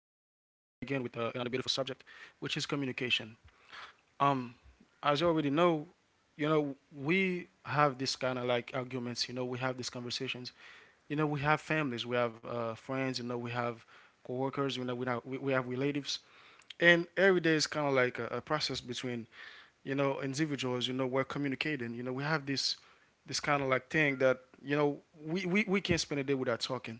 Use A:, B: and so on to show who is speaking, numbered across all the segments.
A: again with another beautiful subject, which is communication. Um, as you already know, you know we have this kind of like arguments. You know, we have these conversations. You know, we have families, we have friends. You know, we have coworkers. You know, we have, we have relatives. And every day is kind of like a process between you know individuals. You know, we're communicating. You know, we have this kind of like thing that you know we can't spend a day without talking.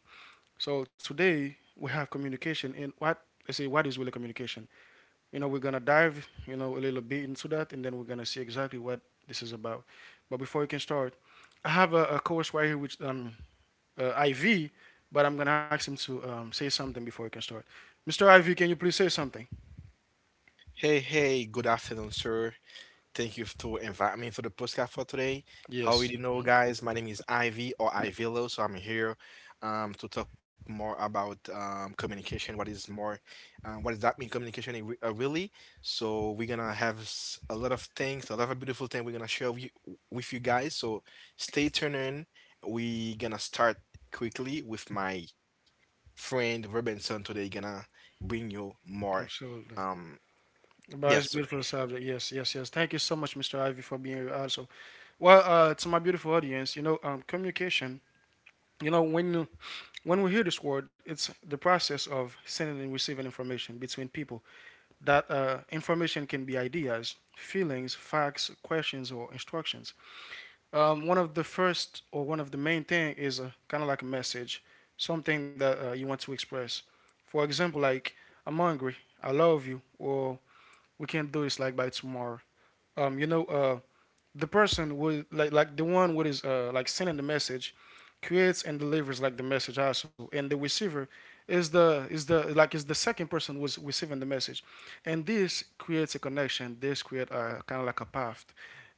A: So today we have communication and what, let's say, what is really communication. You know, we're gonna dive, you know, a little bit into that and then we're gonna see exactly what this is about. But before we can start, I have a course right here which IV, but I'm gonna ask him to say something before we can start. Mr. IV, can you please say something?
B: Hey, hey, good afternoon, sir. Thank you to invite me for the podcast for today. How
A: Yes,
B: already know, guys, my name is Ivy or Ivilo, so I'm here to talk more about communication. What is more, what does that mean, communication in re really? So we're gonna have a lot of things, a lot of beautiful things we're gonna share with you guys. So stay tuned in. We gonna start quickly with my friend Robinson today. Gonna bring you more.
A: absolutely.
B: Um,
A: But it's
B: yes,
A: beautiful
B: sir.
A: subject. Yes, yes, yes. Thank you so much, Mr. Ivy, for being here also. Well, to my beautiful audience, you know, communication. You know, when When we hear this word, it's the process of sending and receiving information between people. That information can be ideas, feelings, facts, questions, or instructions. One of the first or one of the main thing is kind of like a message, something that you want to express. For example, like I'm hungry, I love you, or we can do this like by tomorrow. Um, you know, uh, the person with like the one who is, like sending the message creates and delivers like the message also, and the receiver is the like is the second person who's receiving the message, and this creates a connection, this create a kind of like a path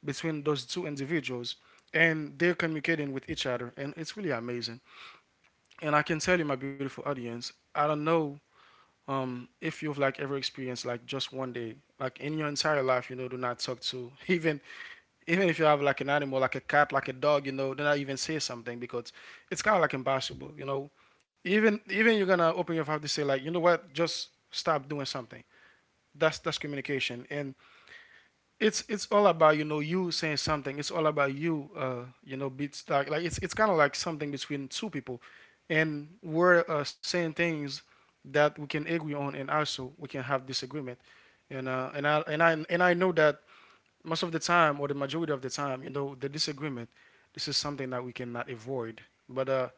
A: between those two individuals, and they're communicating with each other, and it's really amazing. And I can tell you, my beautiful audience, I don't know, if you've like ever experienced like just one day like in your entire life, you know, do not talk to even if you have like an animal, like a cat, like a dog, you know, then I even say something because it's kind of like impossible, you know. Even you're gonna open your mouth to say like, you know what, just stop doing something. That's communication, and it's all about you know you saying something. It's all about you, beats like it's kind of like something between two people, and we're saying things that we can agree on, and also we can have disagreement, and I know that most of the time, or the majority of the time, you know, the disagreement, this is something that we cannot avoid. But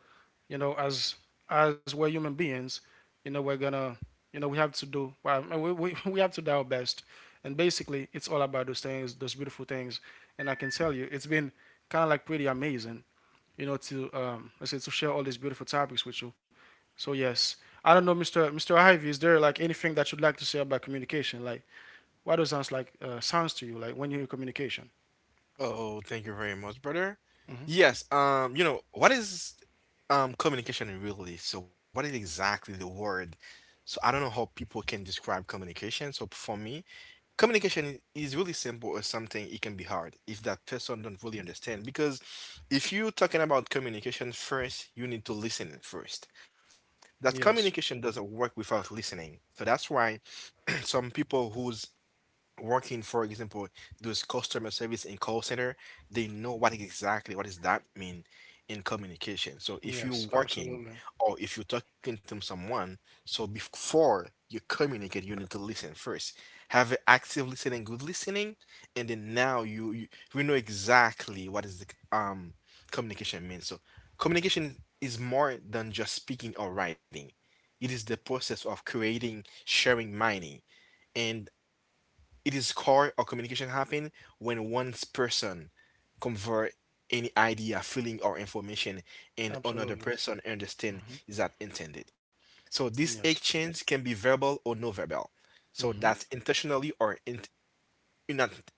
A: you know, as we're human beings, you know, we're gonna, you know, we have to do well. We have to do our best, and basically, it's all about those things, those beautiful things. And I can tell you, it's been kind of like pretty amazing, you know, to let's say to share all these beautiful topics with you. So yes, I don't know, Mr. Ivy, is there like anything that you'd like to say about communication, like why does sounds like sounds to you like when you're in communication?
B: Oh, thank you very much, brother.
A: Hmm.
B: Yes, you know, what is communication really? So what is exactly the word? So I don't know how people can describe communication. So for me, communication is really simple or something it can be hard if that person don't really understand. Because if you're talking about communication first, you need to listen first. That
A: Yes.
B: communication doesn't work without listening. So that's why some people who's working, for example, those customer service in call center, they know what exactly what does that mean in communication. So
A: Yes.
B: if you're
A: Absolutely.
B: working or if you're talking to someone, so before you communicate, you need to listen first. Have a active listening, good listening, and then now you we know exactly what is the um communication means. So communication is more than just speaking or writing. It is the process of creating, sharing, mining, and it is core or communication happen when one person convert any idea, feeling, or information, and
A: Absolutely.
B: another person
A: Hmm.
B: understand is that intended. So this
A: Yes.
B: exchange can be verbal or non-verbal. So
A: Hmm.
B: that's intentionally or not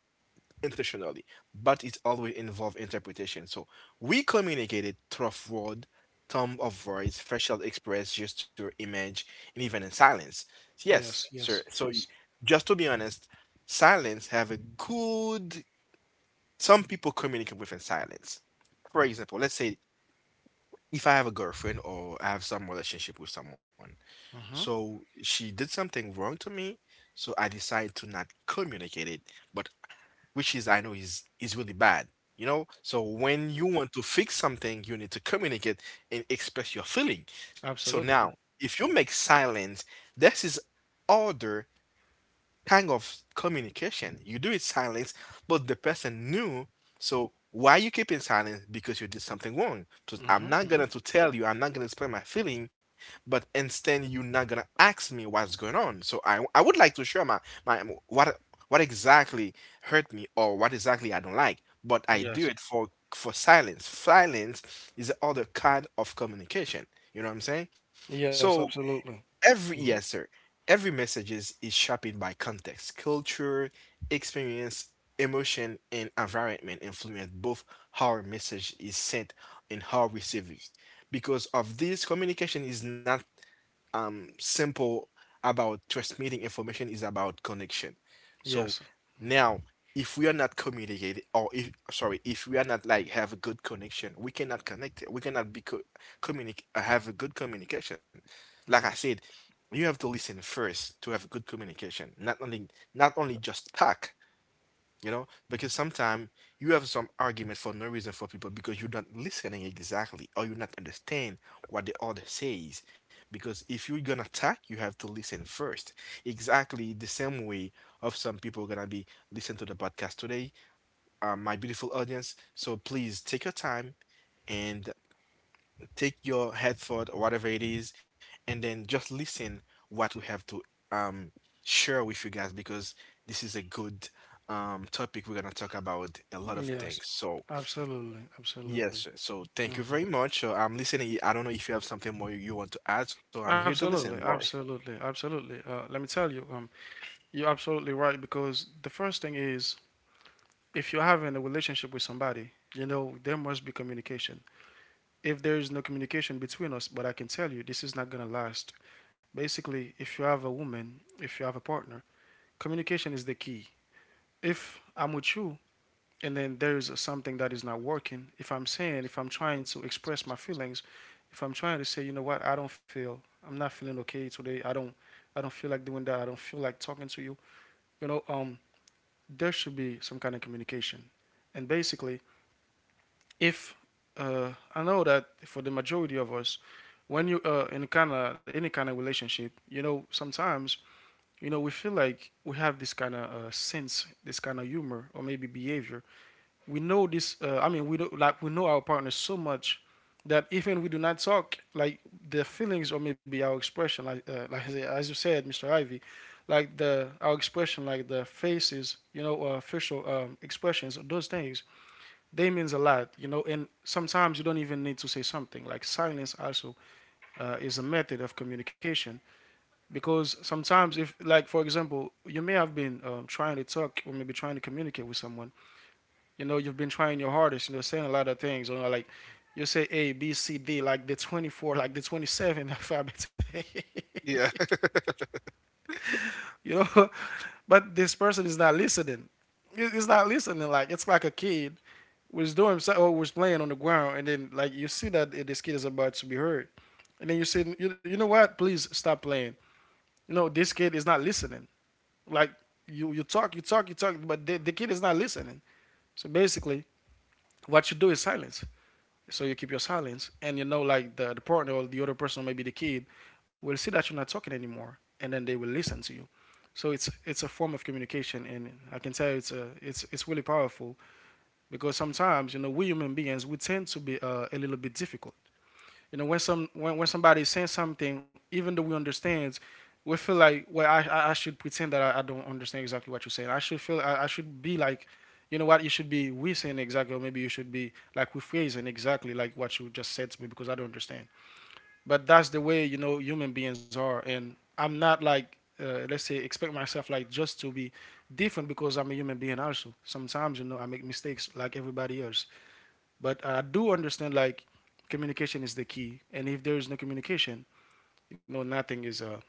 B: intentionally, but it always involves interpretation. So we communicated through word, tone of voice, facial express, gesture, image, and even in silence.
A: Yes.
B: Yes,
A: Yes.
B: sir.
A: Yes.
B: Just to be honest, silence have a good. Some people communicate within silence. For example, let's say if I have a girlfriend or I have some relationship with someone,
A: Hmm.
B: so she did something wrong to me, so I decide to not communicate it, but which is I know is really bad. You know, so when you want to fix something, you need to communicate and express your feeling. So
A: Absolutely.
B: now, if you make silence, this is order kind of communication. You do it silence, but the person knew. So why you keep in silence? Because you did something wrong. So I'm
A: Hmm.
B: not
A: Hmm.
B: gonna to tell you. I'm not gonna explain my feeling, but instead you're not gonna ask me what's going on. So I would like to share my my what what exactly hurt me or what exactly I don't like, but I
A: Yes.
B: do it for silence. Silence is the other kind of communication. You know what I'm saying?
A: Yes.
B: So
A: Absolutely.
B: every
A: Hmm.
B: yes, sir. Every message is shaped by context, culture, experience, emotion, and environment influence both how a message is sent and how received. Because of this, communication is not simple about transmitting information is about connection.
A: Yes.
B: So now if we are not communicating or if sorry, if we are not like have a good connection, we cannot connect. We cannot be communicate have a good communication. Like I
A: Yes.
B: said, you have to listen first to have good communication. Not only not only just talk, you know because sometimes you have some argument for no reason for people because you're not listening exactly or you not understand what the other says because if you're gonna talk you have to listen first exactly the same way of some people gonna be listen to the podcast today my beautiful audience so please take your time and take your headphone or whatever it is, and then just listen what we have to um share with you guys because this is a good topic. We're gonna talk about a lot of
A: Yes.
B: things. So
A: Absolutely.
B: yes,
A: Absolutely.
B: sir. So thank you very much. So I'm listening. I don't know if you have something more you want to add. So I'm here to listen,
A: Absolutely,
B: Roy.
A: absolutely, absolutely. Let me tell you, you're absolutely right because the first thing is if you're having a relationship with somebody, you know there must be communication. If there is no communication between us, but I can tell you this is not going to last. Basically, if you have a woman, if you have a partner, communication is the key. If I'm with you and then there is something that is not working, if I'm saying, if I'm trying to express my feelings, if I'm trying to say, you know what, I don't feel, I'm not feeling okay today, I don't feel like doing that, I don't feel like talking to you, you know, there should be some kind of communication. And basically, if I know that for the majority of us, when you in kind of any kind of relationship, you know, sometimes you know we feel like we have this kind of sense, this kind of humor, or maybe behavior. We know this. I mean, we do, like we know our partner so much that even we do not talk, like their feelings or maybe our expression, like as you said, Mr. Ivy, like the our expression, like the faces, you know, facial expressions, those things they means a lot, you know, and sometimes you don't even need to say something. Like silence also is a method of communication because sometimes, if, like, for example, you may have been trying to talk or maybe trying to communicate with someone, you know, you've been trying your hardest, you know, saying a lot of things, you know, like you say A, B, C, D, like the 24, like the 27 alphabet,
B: Yeah.
A: you know, but this person is not listening. It's not listening, like, it's like a kid was doing so- or was playing on the ground, and then like you see that this kid is about to be hurt, and then you say, you know what? Please stop playing. You know this kid is not listening. Like you talk, you talk, you talk, but the kid is not listening. So basically, what you do is silence. So you keep your silence, and you know like the partner or the other person, maybe the kid, will see that you're not talking anymore, and then they will listen to you. So it's a form of communication, and I can tell you it's a it's it's really powerful because sometimes you know we human beings we tend to be a little bit difficult, you know, when some when somebody is saying something, even though we understand, we feel like, well, I should pretend that I don't understand exactly what you're saying, I should be like, you know what, you should be we saying exactly or maybe you should be like rephrasing exactly like what you just said to me because I don't understand. But that's the way, you know, human beings are, and I'm not like let's say expect myself like just to be different because I'm a human being also. Sometimes, you know, I make mistakes like everybody else, but I do understand like communication is the key, and if there is no communication, you know nothing is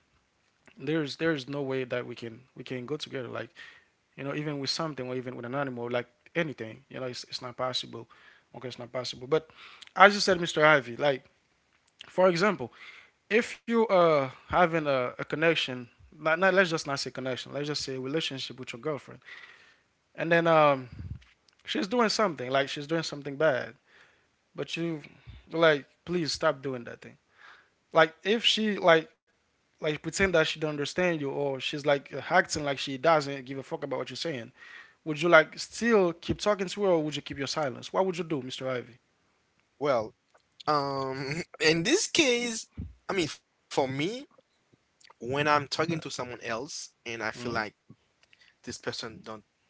A: there's no way that we can go together. Like you know, even with something or even with an animal, like anything, you know, it's not possible. Okay, it's not possible. But as you said, mr ivy, like for example, if you having a connection, not, let's just not say connection, let's just say relationship with your girlfriend, and then she's doing something, like she's doing something bad, but you like please stop doing that thing. Like if she like pretend that she don't understand you, or she's like acting like she doesn't give a fuck about what you're saying, would you like still keep talking to her, or would you keep your silence? What would you do, Mr. Ivy?
B: Well, in this case, I mean, for me, when I'm talking to someone else and I feel like
A: Hmm.
B: this person don't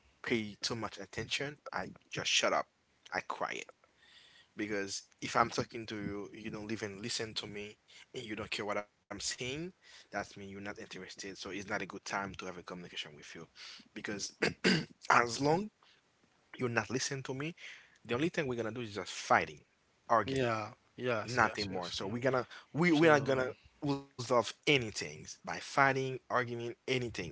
B: pay too much attention, I just shut up. I quiet. Because if I'm talking to you, you don't even listen to me and you don't care what I'm saying, that's mean you're not interested. So it's not a good time to have a communication with you. Because as long you're not listening to me, the only thing we're gonna do is just fighting, argument
A: Yeah. Yes. Yes.
B: nothing more.
A: Yes.
B: So
A: Yeah.
B: we're gonna we are
A: Absolutely.
B: gonna resolve anything by fighting, arguing, anything.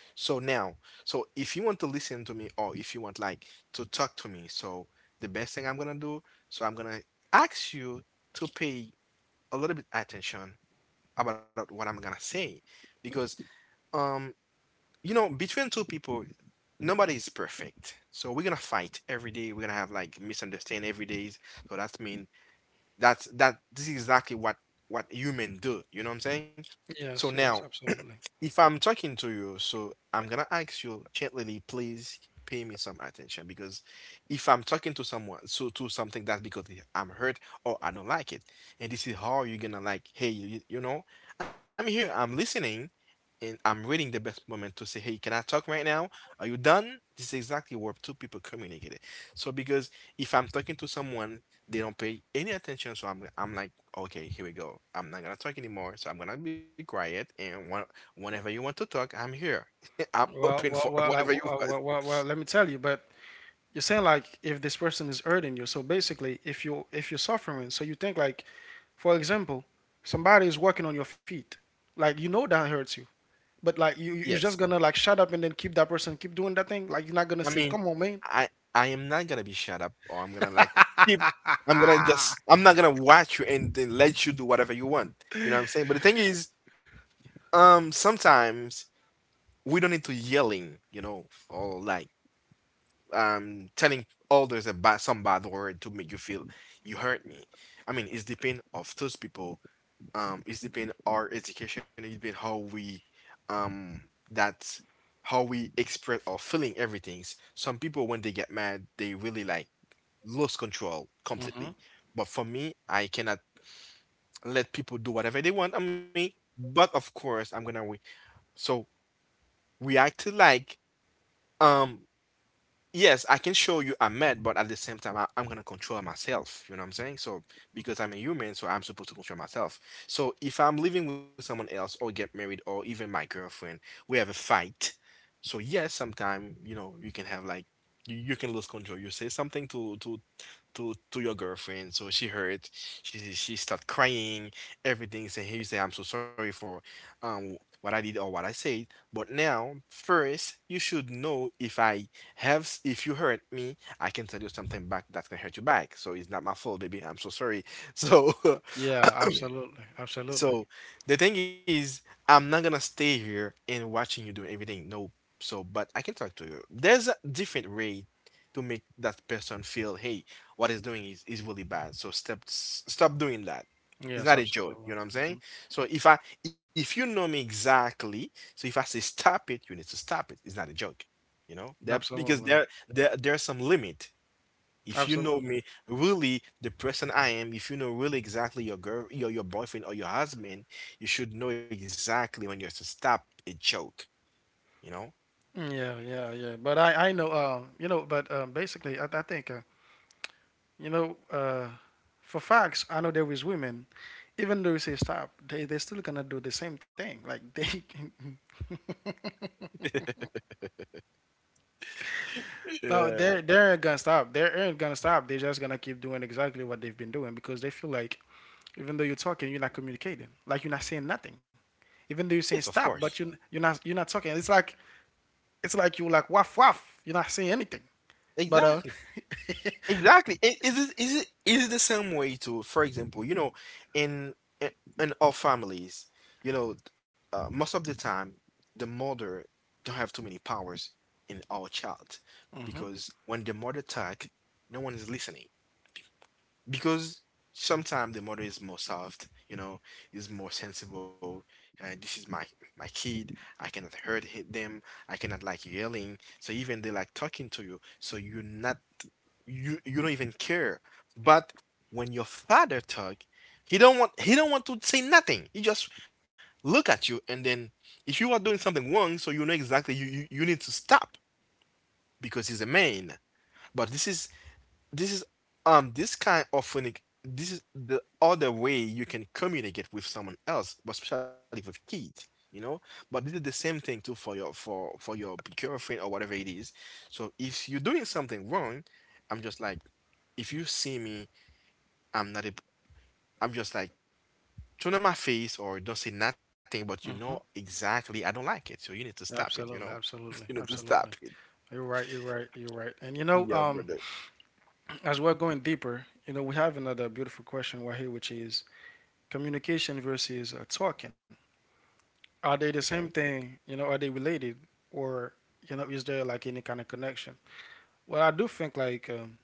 B: So now, so if you want to listen to me or if you want like to talk to me, so the best thing I'm gonna do, so I'm gonna ask you to pay a little bit attention about what I'm gonna say. Because um you know between two people nobody is perfect. So we're gonna fight every day. We're gonna have like misunderstand every day. So that's mean that this is exactly what human do, you know what I'm saying? So
A: Yes.
B: now
A: Yes. Absolutely.
B: if I'm talking to you, so I'm gonna ask you gently, please pay me some attention because if I'm talking to someone, so to something that's because I'm hurt or I don't like it, and this is how you're gonna like, hey, you know, I'm here, I'm listening, and I'm reading the best moment to say, hey, can I talk right now? Are you done? This is exactly where two people communicate it. So because if I'm talking to someone, they don't pay any attention, so I'm like, okay, here we go. I'm not gonna talk anymore, so I'm gonna be quiet and one whenever you want to talk, I'm here. I'm open for
A: Well. Well.
B: whatever
A: Well,
B: you
A: like, well,
B: want.
A: well. Well. Well. Well, let me tell you. But you're saying like if this person is hurting you, so basically if you if you're suffering, so you think like, for example, somebody is working on your feet, like you know that hurts you. But like you,
B: Yes.
A: are just gonna like shut up and then keep that person keep doing that thing. Like you're not
B: I
A: gonna say,
B: mean,
A: "Come on, man."
B: I I am not gonna be shut up or I'm gonna like keep I'm gonna just I'm not gonna watch you and then let you do whatever you want. You know what I'm saying? But the thing is, sometimes we don't need to yelling, you know, or like telling others about some bad word to make you feel you hurt me. I mean, it's depend of those people it's depend our education it depend how we um that how we express or feeling everything some people when they get mad they really like lose control completely
A: Hmm.
B: but for me I cannot let people do whatever they want on me but of course I'm gonna wait so we acted like um yes, I can show you I'm mad, but at the same time, I'm gonna control myself. You know what I'm saying? So because I'm a human, so I'm supposed to control myself. So if I'm living with someone else or get married or even my girlfriend, we have a fight. So yes, sometimes you know, you can have like you can lose control. You say something to your girlfriend. So she heard, she start crying, everything. Saying, "Hey, you say I'm so sorry for what I did or what I said." But now, first, you should know if I have if you hurt me, I can tell you something back that can hurt you back. So it's not my fault, baby. I'm so sorry. So
A: Yeah, absolutely, absolutely.
B: so the thing is, I'm not gonna stay here and watching you do everything. No. So, but I can talk to you. There's a different way to make that person feel, hey, what is doing is really bad. So stop stop doing that. It's
A: Yes,
B: not a joke. You
A: absolutely.
B: know what I'm
A: Hmm.
B: saying? So if I if you know me exactly, so if I say stop it, you need to stop it. It's not a joke. You know that because
A: Absolutely,
B: there's some limit. If you know
A: absolutely.
B: me, really the person I am, if you know really exactly your girl, your boyfriend or your husband, you should know exactly when you're to stop a joke, you know?
A: Yeah, yeah, yeah. But I know, you know, but basically, I think, you know, for facts, I know there is women, even though you say stop, they still gonna do the same thing. Like they, no,
B: Yeah.
A: they're gonna stop. They aren't gonna stop. They're just gonna keep doing exactly what they've been doing because they feel like, even though you're talking, you're not communicating. Like you're not saying nothing. Even though you're
B: Yes,
A: saying
B: of
A: stop,
B: course.
A: but you're not talking. It's like you're like waff waff. You're not saying anything. But
B: Exactly. Exactly. Is it is it the same way to, for example, you know, in in, in all families, you know, most of the time the mother don't have too many powers in our child
A: hmm
B: because when the mother talk, no one is listening. Because sometimes the mother is more soft, you know, is more sensible. This is my my kid, I cannot hurt them. I cannot like yelling, so even they like talking to you, so you're not, you don't even care. But when your father talk, he don't want to say nothing, he just look at you, and then if you are doing something wrong, so you know exactly you need to stop because he's a man. But this is this kind of unique. This is the other way you can communicate with someone else, but especially with kids, you know. But this is the same thing too for your girlfriend or whatever it is. So if you're doing something wrong, I'm just like, if you see me, I'm not a, I'm just like turn on my face or don't say nothing, but you know
A: hmm
B: exactly I don't like it, so you need to stop it.
A: Absolutely,
B: You
A: absolutely,
B: need to stop
A: absolutely.
B: it.
A: You're right, you're right, you're right. And you know,
B: Yeah,
A: um,
B: brother.
A: as we're going deeper, you know, we have another beautiful question right here, which is communication versus talking. Are they the
B: Okay.
A: same thing? You know, are they related, or you know, is there like any kind of connection? Well, I do think like,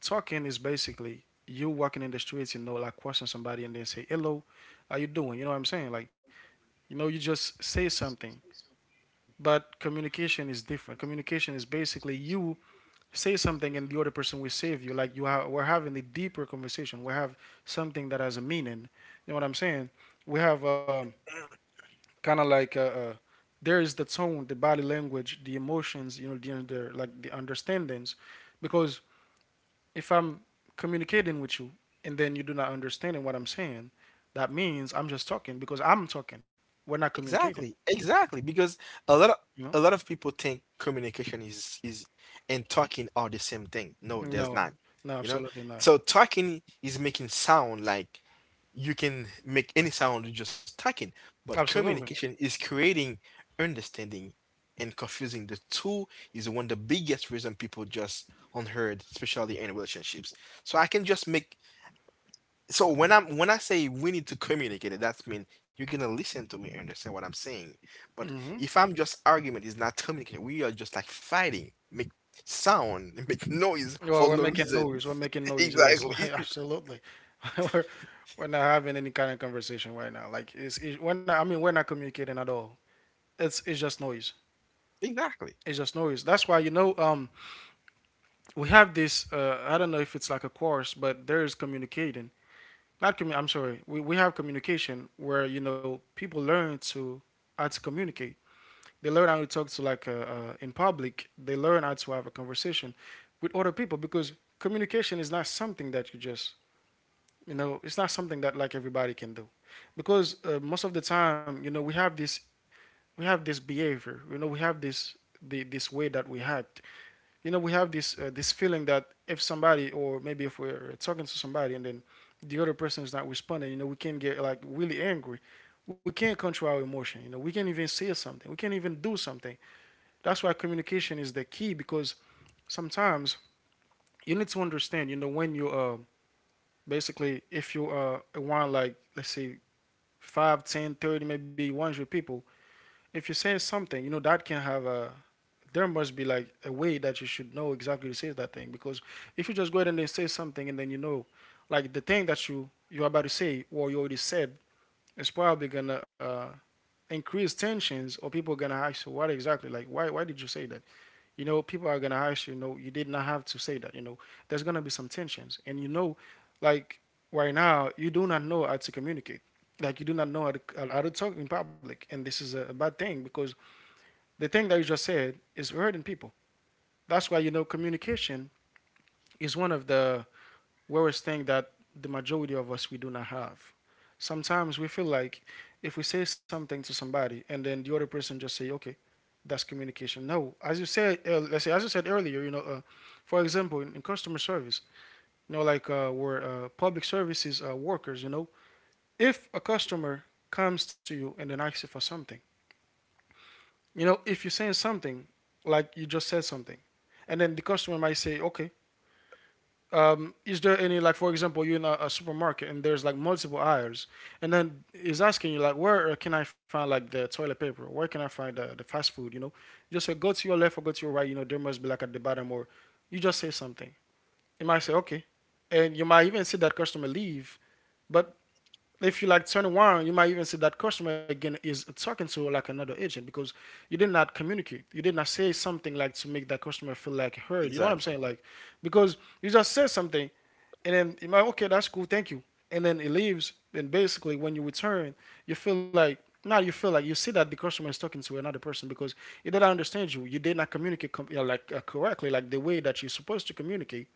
A: talking is basically you walking in the streets, you know, like question somebody and then say hello, how you doing? You know what I'm saying? Like you know, you just say something. But communication is different. Communication is basically you say something and the other person will save you. Like you have, we're having a deeper conversation. We have something that has a meaning. You know what I'm saying? We have, kind of like, there is the tone, the body language, the emotions, you know, the under like the understandings, because if I'm communicating with you and then you do not understand what I'm saying, that means I'm just talking because I'm talking. We're not communicating.
B: Exactly, exactly. Because a lot of
A: You know?
B: a lot of people think communication is and talking are the same thing. No, there's not.
A: No, no,
B: You know,
A: absolutely not.
B: so talking is making sound, like you can make any sound with just talking, but
A: Absolutely.
B: communication is creating understanding and confusing. The two is one of the biggest reason people just unheard, especially in relationships. So I can just make, so when I say we need to communicate it, that means you're gonna listen to me and understand what I'm saying. But
A: Hmm.
B: if I'm just argument, it's not communicating. We are just like fighting, make sound, make noise
A: Well,
B: for
A: we're
B: no
A: making
B: reason.
A: noise. We're making noise. Yes,
B: Exactly.
A: absolutely. we're we're not having any kind of conversation right now. Like it's it, we're not. I mean, we're not communicating at all. It's just noise.
B: Exactly.
A: It's just noise. That's why you know, we have this. I don't know if it's like a course, but there is communicating. Not commu- I'm sorry. We have communication where you know people learn to how to communicate. They learn how to talk to like, in public. They learn how to have a conversation with other people because communication is not something that you just you know it's not something that like everybody can do because most of the time you know we have this, we have this behavior you know we have this way that we act you know we have this feeling that if somebody or maybe if we're talking to somebody and then the other person is not responding you know we can get like really angry we can't control our emotion you know we can't even say something we can't even do something that's why communication is the key because sometimes you need to understand you know when you basically if you want like let's say 5, 10, 30, maybe 100 people if you say something you know that can have a there must be like a way that you should know exactly to say that thing because if you just go ahead and then say something and then you know like the thing that you're about to say or you already said is probably gonna increase tensions or people are gonna ask you what exactly like why did you say that you know people are gonna ask you, you know you did not have to say that you know there's gonna be some tensions and you know like right now you do not know how to communicate like you do not know how to talk in public and this is a bad thing because the thing that you just said is hurting people that's why you know communication is one of the worst thing that the majority of us we do not have. Sometimes we feel like if we say something to somebody and then the other person just say, "Okay, that's communication." No, as you said, let's say as you said earlier, you know, for example, in customer service, you know, we're public services workers, you know, if a customer comes to you and then asks you for something, you know, if you're saying something like you just said something, and then the customer might say, "Okay, is there any like for example you're in a supermarket and there's like multiple aisles and then is asking you like where can I find like the toilet paper where can I find the fast food you know just say go to your left or go to your right you know there must be like at the bottom or you just say something you might say okay and you might even see that customer leave but if you like turn around you might even see that customer again is talking to like another agent because you did not communicate you did not say something like to make that customer feel like heard you know what I'm saying
B: Exactly.
A: like because you just said something and then you're like, okay, that's cool, thank you. And then it leaves. And basically, when you return, you feel like now you feel like you see that the customer is talking to another person because he did not understand you. You did not communicate com- you know, correctly, like the way that you're supposed to communicate.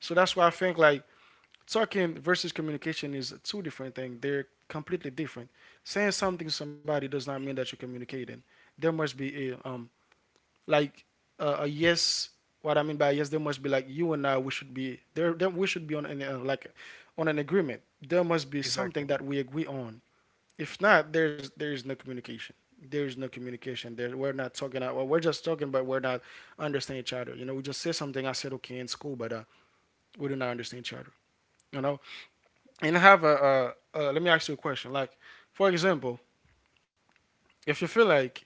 A: So that's why I think like talking versus communication is two different things. They're completely different. Saying something to somebody does not mean that you're communicating. There must be a like a yes what I mean by yes there must be like you and I we should be there then we should be on like on an agreement there must be something
B: Exactly.
A: that we agree on if not there is no communication there is no communication there we're not talking out well, we're just talking but we're not understanding each other you know we just say something I said okay in school but we do not understand each other you know and have a let me ask you a question like for example if you feel like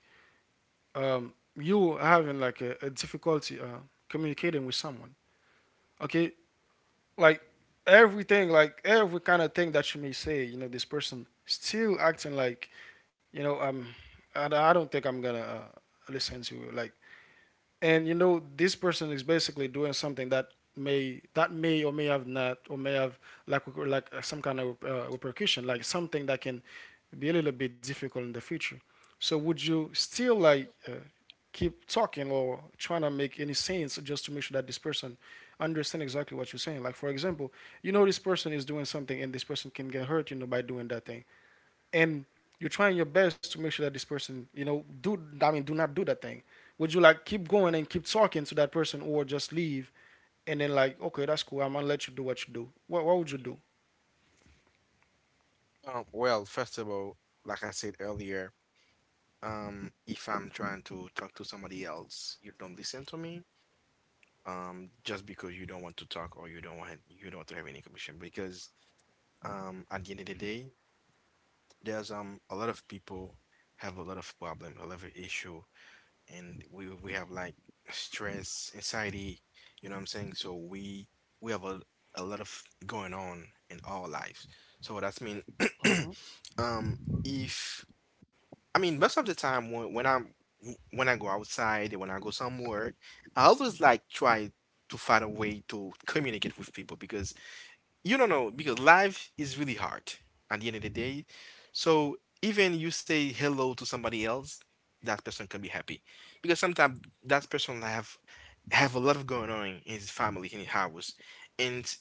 A: um, you having like a difficulty communicating with someone okay like everything like every kind of thing that you may say you know this person still acting like you know, and I don't think I'm gonna listen to you like and you know this person is basically doing something that may or may have not or may have like some kind of repercussion like something that can be a little bit difficult in the future so would you still keep talking or trying to make any sense just to make sure that this person understands exactly what you're saying. Like for example, you know this person is doing something and this person can get hurt, you know, by doing that thing. And you're trying your best to make sure that this person, you know, do I mean do not do that thing. Would you like keep going and keep talking to that person or just leave and then like, okay, that's cool, I'm gonna let you do. What would you do?
B: Well, first of all, like I said earlier, if I'm trying to talk to somebody else, you don't listen to me. Just because you don't want to talk or you don't want to have any conversation, because at the end of the day, there's a lot of people have a lot of problem, a lot of issue, and we have like stress, anxiety, you know what I'm saying? So we have a lot of going on in our lives. So that's mean
A: Hmm.
B: um if, I mean, most of the time when I go outside, when I go somewhere, I always like try to find a way to communicate with people, because you don't know, because life is really hard at the end of the day. So even you say hello to somebody else, that person can be happy, because sometimes that person have a lot of going on in his family, in his house, and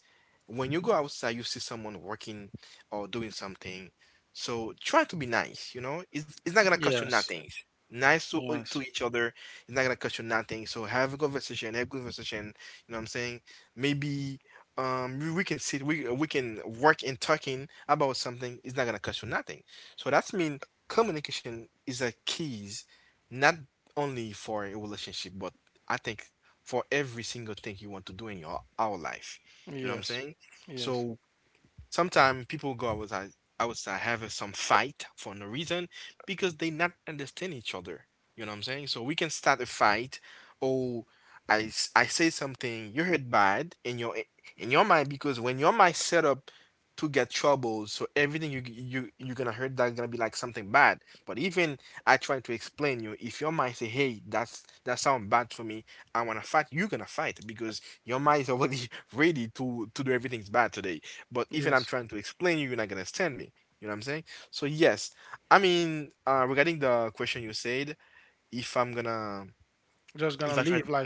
B: when you go outside, you see someone working or doing something. So try to be nice. You know, it's not gonna cost you
A: Yes.
B: nothing. Nice
A: Yes.
B: to each other. It's not gonna cost you nothing. So have a conversation. Have a conversation. You know what I'm saying? Maybe we can sit, we can work in talking about something, it's not gonna cost you nothing. So that's mean communication is a keys, not only for a relationship, but I think for every single thing you want to do in your our life, you know what I'm
A: Yes.
B: saying?
A: Yes.
B: So sometimes people go outside, outside have some fight for no reason because they not understand each other, you know what I'm saying, so we can start a fight. Or I say something you heard bad in your mind, because when your mind set up to get trouble, so everything you you're gonna heard, that's gonna be like something bad. But even I try to explain you, if your mind say hey, that's that sound bad for me, I want to fight, you're gonna fight because your mind is already ready to do everything's bad today. But even I'm
A: Yes.
B: trying to explain you, you're not gonna understand me. You know what I'm saying? So yes, I mean, regarding the question you said, if I'm gonna,
A: Just gonna
B: if I
A: leave.
B: try,
A: Like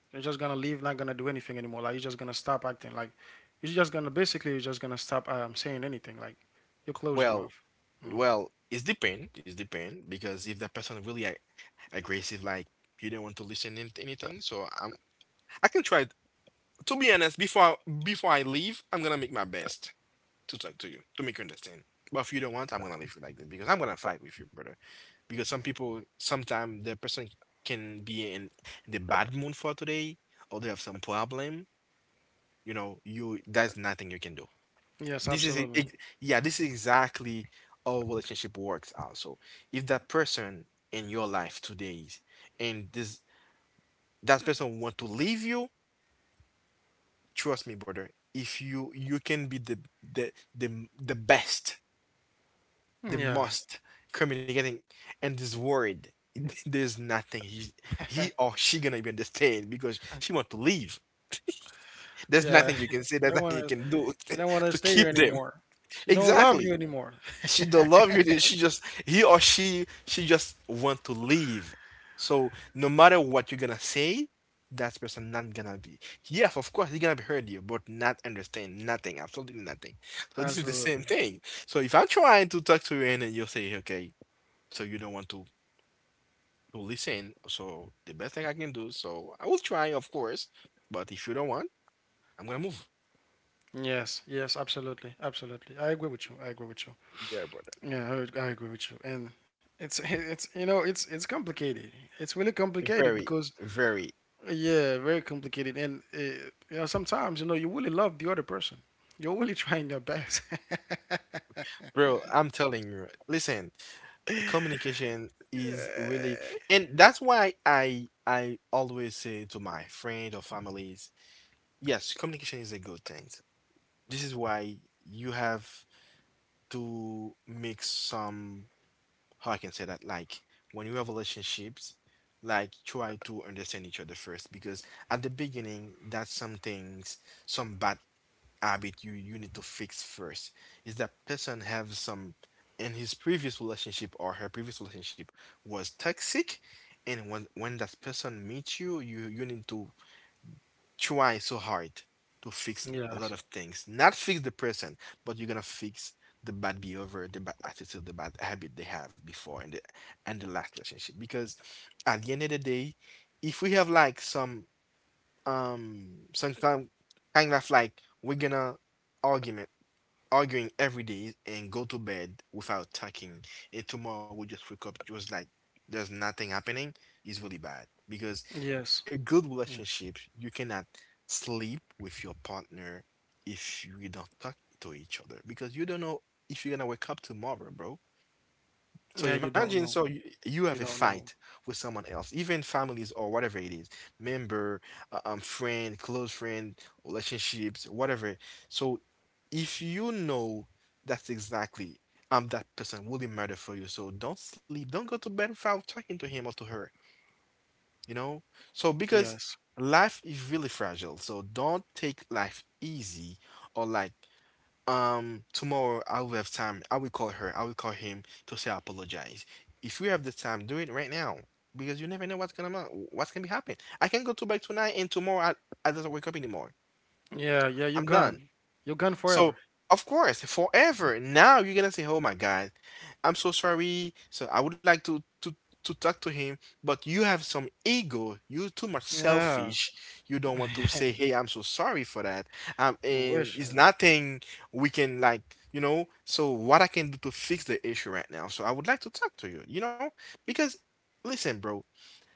A: you're just gonna leave, not gonna do anything anymore. Like you're just gonna stop acting. Like you're just gonna basically you're just gonna stop saying anything. Like you close your
B: well,
A: mouth. Mhm.
B: well, it's depend, it's depend, because if that person really a aggressive, like you don't want to listen to anything, so I'm, I can try. It. To be honest, before I leave, I'm gonna make my best to talk to you to make you understand. But if you don't want, I'm gonna leave you like this, because I'm gonna fight with you, brother. Because some people, sometimes the person can be in the bad mood for today, or they have some problem. You know, you that's nothing you can do.
A: Yes,
B: This is it,
A: absolutely.
B: yeah, this is exactly how relationship works. Also, if that person in your life today, and this that person want to leave you, trust me, brother. If you, you can be the the best, the
A: Yeah,
B: most communicating, and this word there's nothing he, he or she gonna even understand because she want to leave. There's
A: yeah.
B: nothing you can say,
A: She
B: there's
A: don't
B: nothing you
A: wanna.
B: can do
A: She don't wanna
B: to
A: stay here
B: keep them.
A: anymore. She don't love you
B: Exactly,
A: anymore.
B: she don't love you. She just, he or she just want to leave. So no matter what you're gonna say, that person not gonna be. Yes, of course he gonna be hurt you, but not understand nothing, absolutely nothing. So this is the same
A: Absolutely.
B: thing. So if I'm trying to talk to you and then you say okay, so you don't want to listen. So the best thing I can do. So I will try, of course, but if you don't want, I'm gonna move.
A: Yes, yes, absolutely, absolutely. I agree with you. I agree with you.
B: Yeah, brother.
A: Yeah, I, ag- I agree with you. And it's it's you know it's complicated. It's really complicated
B: Very,
A: because
B: very,
A: yeah, very complicated, and you know sometimes you know you really love the other person. You're really trying your best.
B: bro. I'm telling you. Listen. Communication is really, and that's why I always say to my friend or families, yes, communication is a good thing. This is why you have to make some, how I can say that, like when you have relationships, like try to understand each other first, because at the beginning that's some things, some bad habit you need to fix first. Is that person have some in his previous relationship or her previous relationship was toxic, and when that person meets you, you need to try so hard to fix a lot
A: yes,
B: of things, not fix the person, but you're gonna fix the bad behavior, the bad attitude, the bad habit they have before and the last relationship. Because at the end of the day, if we have like some kind of, like we're gonna argument, arguing every day and go to bed without talking, and tomorrow we just wake up just like there's nothing happening, is really bad, because
A: yes,
B: a good
A: yes.
B: relationship, you cannot sleep with your partner if you don't talk to each other, because you don't know if you're gonna wake up tomorrow, bro. So
A: Yeah, you
B: imagine,
A: don't
B: so
A: know.
B: you have a
A: You don't
B: fight
A: know.
B: with someone else, even families or whatever it is, member, friend, close friend, relationships, whatever. So if you know that's exactly that person will be murder for you, so don't sleep, don't go to bed without talking to him or to her, you know. So because
A: Yes.
B: life is really fragile, so don't take life easy, or like tomorrow I will have time. I will call her. I will call him to say I apologize. If you have the time, do it right now, because you never know what's gonna what's gonna be happening. I can go to bed tonight and tomorrow I doesn't wake up anymore.
A: Yeah, yeah. You're
B: I'm done.
A: gone. You're gone
B: So,
A: forever.
B: of course, forever. Now you're gonna say, "Oh my God, I'm so sorry. So I would like to to talk to him, but you have some ego. You're too much
A: Yeah.
B: selfish. You don't want to say, "Hey, I'm so sorry for that."
A: You're
B: And it's
A: wishing.
B: nothing we can like, you know. So what I can do to fix the issue right now? So I would like to talk to you, you know, because listen, bro.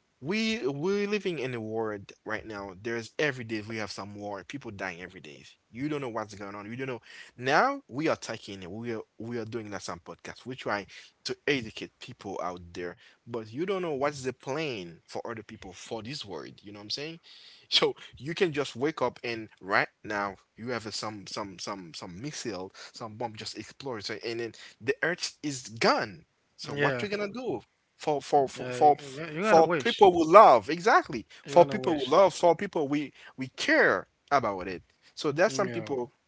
B: We we're living in a world right now. There's every day we have some war. People dying every day. You don't know what's going on. You don't know. Now we are taking it. We are doing that some podcast. We try to educate people out there, but you don't know what's the plan for other people for this world. You know what I'm saying? So you can just wake up and right now you have some missile, some bomb just explodes, and then the earth is gone. So what we
A: Yeah,
B: gonna do? for for
A: yeah.
B: for
A: you-
B: for
A: You're gonna
B: for
A: wish.
B: people who love, exactly,
A: You're gonna wish.
B: for people we care about it. So there's some
A: Yeah.
B: people,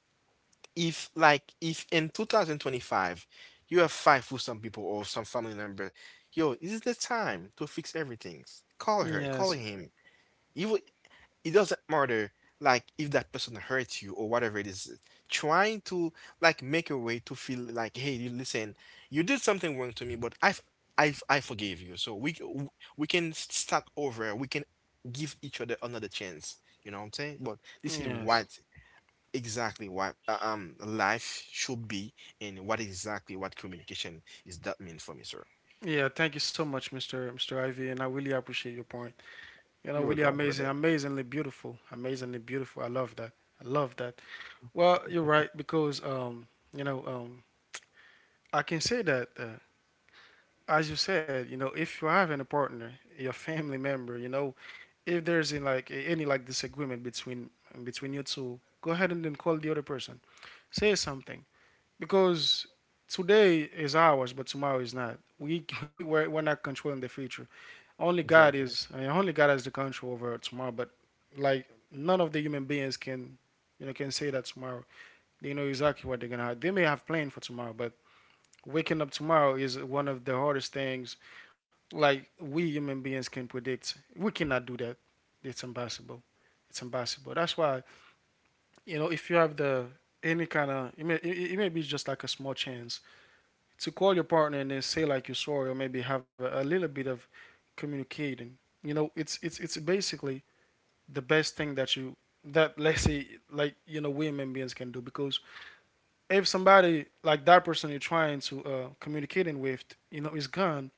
B: if in 2025 you have five with some people or some family member, yo, this is the time to fix everything. Call her, call
A: Yes.
B: him, you, it doesn't matter. Like if that person hurts you or whatever it is, trying to, like, make a way to feel like, hey, you listen, you did something wrong to me, but I forgave you, so we can start over, we can give each other another chance, you know what I'm saying? But this is
A: Yes.
B: what exactly what life should be, and what exactly what communication is, that mean for me, sir.
A: Yeah. Thank you so much, Mister Mister Ivy, and I really appreciate your point. You know,
B: You were
A: really
B: welcome,
A: amazing,
B: brother.
A: amazingly beautiful, amazingly beautiful. I love that. I love that. Well, you're right because you know, I can say that as you said, you know, if you have a partner, your family member, you know, if there's in like any like disagreement between between you two, go ahead and then call the other person. Say something because today is ours, but tomorrow is not. We we're not controlling the future. Only God
B: Exactly.
A: is I mean, only God has the control over tomorrow. But like none of the human beings can you know can say that tomorrow. They know exactly what they're gonna have. They may have planned for tomorrow, but waking up tomorrow is one of the hardest things. Like we human beings can predict. We cannot do that. It's impossible. It's impossible. That's why if you have the any kind of it may, it may be just like a small chance to call your partner and then say like you're sorry, or maybe have a little bit of communicating. It's basically the best thing that you that let's say women beings can do, because if somebody, like that person you're trying to communicating with is gone,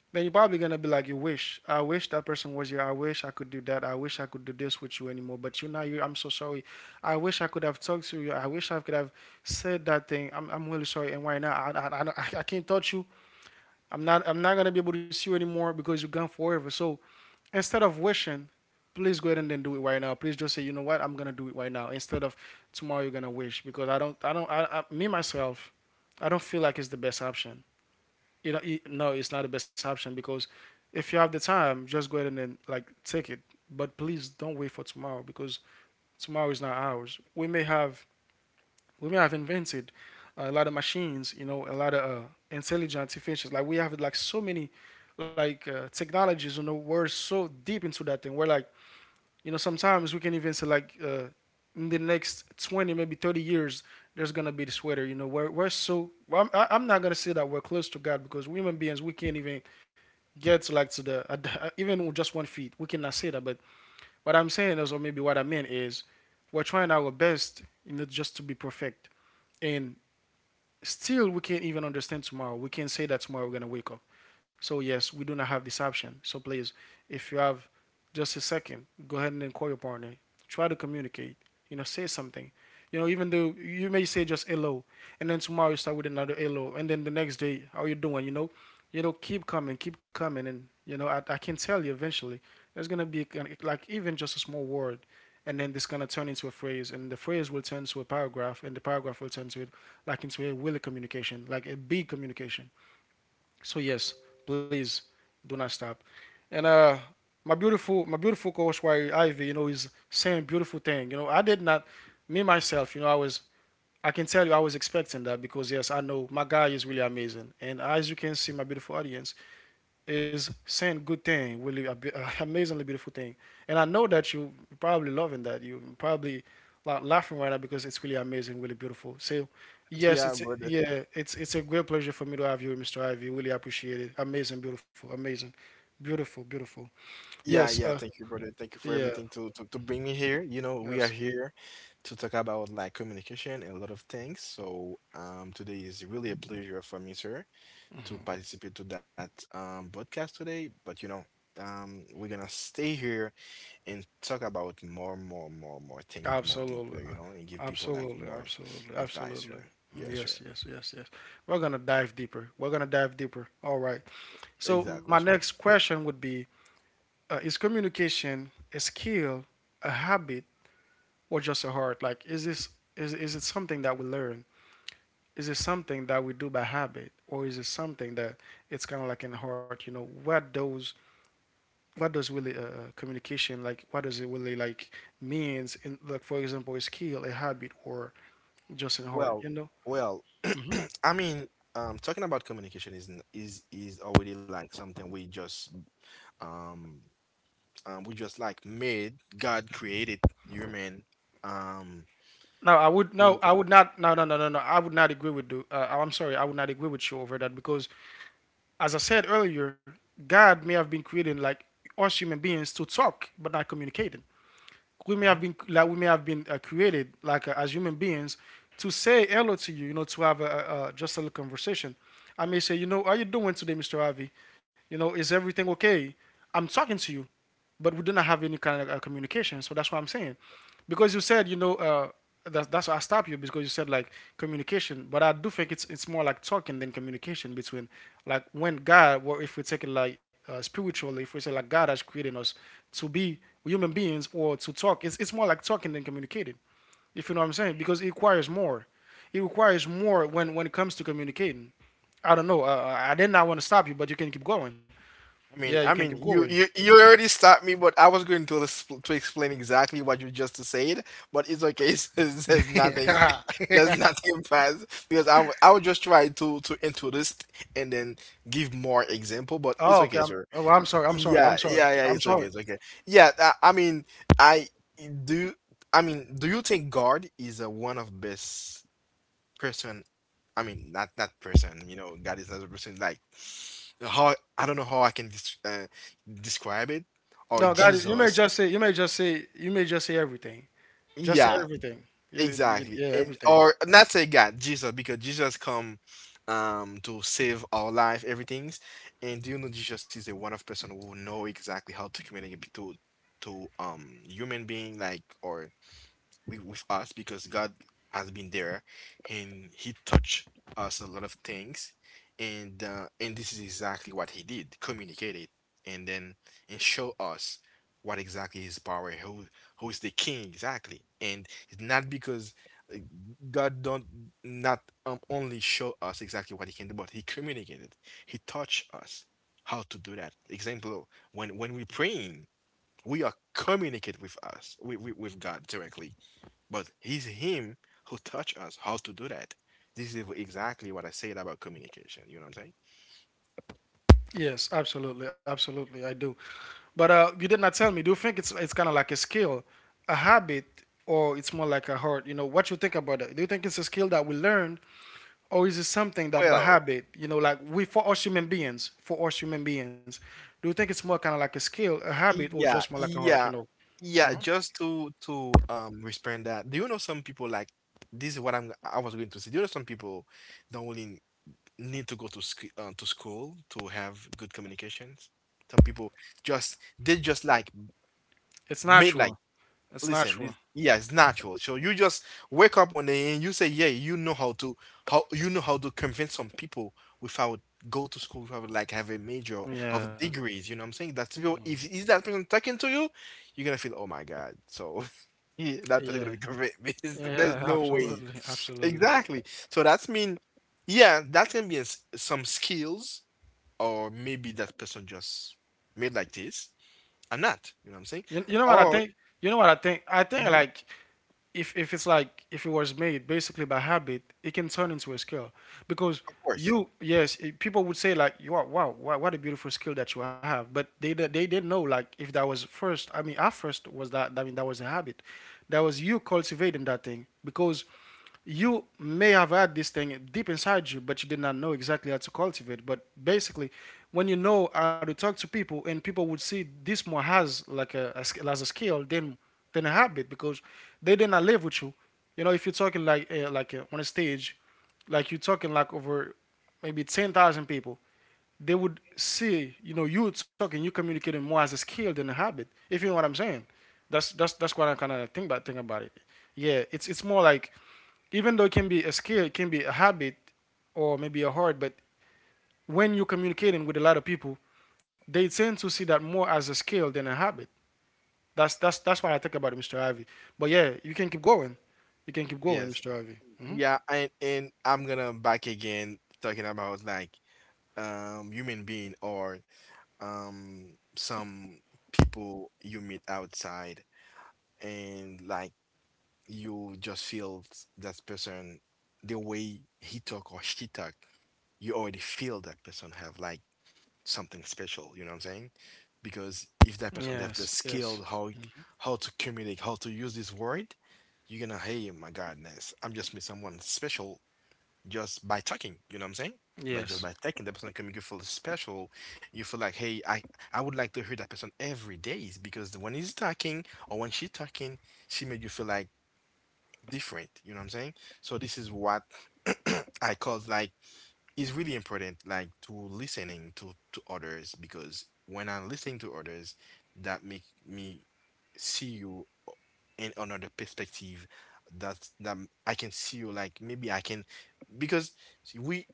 A: then you're probably gonna be like, you wish, I wish that person was here. I wish I could do that. I wish I could do this with you anymore, but you're not here. I'm so sorry. I wish I could have talked to you. I wish I could have said that thing. I'm really sorry. And why not? I can't touch you. I'm not gonna be able to see you anymore, because you're gone forever. So instead of wishing, please go ahead and then do it right now. Please just say, you know what, I'm gonna do it right now. Instead of tomorrow you're gonna wish, because I don't I don't I me myself, I don't feel like it's the best option. You know, it, no, it's not the best option, because if you have the time, just go ahead and then like take it. But please don't wait for tomorrow, because tomorrow is not ours. We may have women have invented a lot of machines, you know, a lot of intelligent artificials. Like we have like so many technologies. You know, we're so deep into that thing. We're like, you know, sometimes we can even say in the next 20, maybe 30 years, there's gonna be this weather. You know, we're so, well, I am not gonna say that we're close to God, because we human beings we can't even get to like to the even with just 1 foot. We cannot say that. But what I'm saying is, or maybe what I meant is, we're trying our best, you know, just to be perfect. And still we can't even understand tomorrow. We can't say that tomorrow we're gonna wake up. So yes, we do not have this option. So please, if you have just a second. Go ahead and call your partner. Try to communicate. You know, say something. You know, even though you may say just hello, and then tomorrow you start with another hello, and then the next day, how you doing? Keep coming, and you know, I can tell you, eventually there's gonna be like even just a small word, and then this gonna turn into a phrase, and the phrase will turn to a paragraph, and the paragraph will turn to it like into a really communication, like a big communication. So yes, please do not stop. And my beautiful coach, Why Ivy, you know, is saying beautiful thing. You know, I did not, me myself, you know, I was, I can tell you, I was expecting that, because yes, I know my guy is really amazing. And as you can see, my beautiful audience is saying good thing, really a amazingly beautiful thing. And I know that you probably loving that. You probably laughing right now, because it's really amazing, really beautiful. So yes,
B: Yeah, brother.
A: yeah, it's a great pleasure for me to have you, Mr. Ivy. Really appreciate it. Amazing, beautiful, beautiful.
B: Yeah,
A: Yes,
B: yeah. Thank you, brother. Thank you for
A: yeah,
B: everything to bring me here. You know, we are
A: yes,
B: here to talk about, like, communication and a lot of things. So, today is really a pleasure for me, sir, to participate to that podcast today. But you know, we're gonna stay here and talk about more things, more deeper,
A: absolutely,
B: you know, and give people like
A: absolutely,
B: more
A: absolutely,
B: advice,
A: absolutely.
B: sir. Yeah, sure.
A: Yes, yes, yes, yes. We're gonna dive deeper. We're gonna dive deeper. All right. So
B: Exactly,
A: my
B: sure.
A: next question would be, is communication a skill, a habit, or just a heart? Like, is it something that we learn? Is it something that we do by habit, or is it something that it's kind of like in the heart? You know, what does really communication like? What does it really like means? In like, for example, a skill, a habit, or just in heart? You
B: Well,
A: know.
B: well,
A: Hmm.
B: I mean, talking about communication is n- is already like something we just, um, we just, like, made, God created human, um.
A: No, I
B: Who-
A: would not. No, no, no, no, no. I would not agree with you. I'm sorry, I would not agree with you over that, because as I said earlier, God may have been created like us human beings to talk but not communicating.
B: Mhm.
A: We may have been created like as human beings to say hello to you, you know, to have a just a little conversation. I may say, you know, how you doing today, Mr. Avi? You know, is everything okay? I'm talking to you, but we did not have any kind of communication. So that's what I'm saying, because you said that's why I stopped you, because you said like communication, but I do think it's more like talking than communication between like when God, or if we take it like spiritually, if we say like God has created us to be human beings or to talk, it's more like talking than communicating. If you know what I'm saying, because it requires more. It requires more when it comes to communicating. I don't know. I did not want to stop you, but you can keep going.
B: I
A: Yeah, you
B: mean,
A: can
B: I
A: keep
B: mean,
A: going.
B: you already stopped me, but I was going to explain exactly what you just said, but it's okay. So it says nothing,
A: I
B: there's nothing past, because I was just trying to introduce and then give more example, but it's
A: Oh, okay.
B: okay,
A: I'm,
B: sir.
A: oh, I'm sorry. I'm sorry. I'm
B: Yeah,
A: sorry.
B: yeah,
A: I'm
B: yeah. It's
A: sorry.
B: okay. It's okay. Yeah, I mean, I, do. I mean, do you think God is a one of best person? I mean, not not person. You know, God is not a person. Like, how I don't know how I can describe it.
A: No,
B: Or
A: got it. You may
B: Jesus.
A: just say. You may just say. You may just say everything. Just say
B: Yeah.
A: everything. Yeah,
B: Exactly.
A: yeah,
B: And,
A: everything.
B: or not say God, Jesus, because Jesus come to save our life, everything's. And do you know Jesus is a one of person who know exactly how to communicate to human being, like, or with us, because God has been there and he touched us a lot of things, and this is exactly what he did, communicate it, and then, and show us what exactly his power, who is the king exactly, and it's not because, uh, God don't, not, only show us exactly what he can do, but he communicated, he touched us how to do that. Example, when we praying, we are communicate with us, with God directly, but he's him who taught us how to do that. This is exactly what I said about communication. You know what I'm saying?
A: Yes, absolutely, absolutely. I do. But you did not tell me. Do you think it's kind of like a skill, a habit, or it's more like a heart? You know, what you think about it? Do you think it's a skill that we learn, or is it something that by
B: Well,
A: habit? You know, like we for us human beings, for us human beings, do you think it's more kind of like a skill, a habit, or just
B: yeah,
A: more like a heart? You
B: yeah,
A: know, hmm,
B: yeah. Just to respond that. Do you know some people like, this is what I was going to say. Do you know some people don't really need to go to school to have good communications? Some people just, they just like
A: it's
B: made like,
A: natural. It's
B: listen,
A: natural.
B: this, yeah, it's natural. So you just wake up one day and you say, "Yeah, you know how to, how you know how to convince some people without go to school, without, like, have a major
A: Yeah.
B: of degrees." You know what I'm saying? That's people. If is that person talking to you, you're gonna feel, "Oh my God!" So yeah, that person
A: Yeah.
B: gonna be convinced. There's
A: Yeah,
B: no way.
A: absolutely. Absolutely.
B: Exactly. So that's mean, yeah, that can be a s some skills, or maybe that person just made like this. I'm not. You know what I'm saying?
A: You know what I
B: Or,
A: think? You know what I think? I think
B: mhm,
A: like if it was made basically by habit, it can turn into a skill, because
B: of course.
A: you yes people would say like, you are, wow, what a beautiful skill that you have, but they they didn't know like if that was first, I mean at first was that, I mean that was a habit, that was you cultivating that thing, because you may have had this thing deep inside you, but you did not know exactly how to cultivate. But basically, when you know how to talk to people, and people would see this more has like a as a skill than a habit, because they did not live with you. You know, if you're talking like on a stage, like you're talking like over maybe 10,000 people, they would see, you know, you talking, you communicating more as a skill than a habit. If you know what I'm saying, that's what I kind of think about it. Yeah, it's more like even though it can be a skill, it can be a habit or maybe a hard, but when you're communicating with a lot of people, they tend to see that more as a skill than a habit. That's what I think about it, Mr. Ivy. But yeah, you can keep going. You can keep going,
B: Yes.
A: Mr. Ivy. Hmm.
B: Yeah, and I'm gonna, back again talking about, like, human being, or some people you meet outside, and like, you just feel that person, the way he talk or she talk, you already feel that person have like something special, you know what I'm saying? Because if that person have
A: Yes,
B: the
A: yes,
B: skill, how to communicate, how to use this word, you're gonna, hey, my goodness, I'm just meet someone special just by talking, you know what I'm saying? But just
A: yes.
B: by talking, the person can make you feel special. You feel like, hey, I would like to hear that person every day, is because when he's talking or when she's talking, she made you feel like different. You know what I'm saying? So this is what, I call like, is really important, like, to listening to others, because when I'm listening to others, that make me see you and another perspective, that I can see you, like, maybe I can, because see, we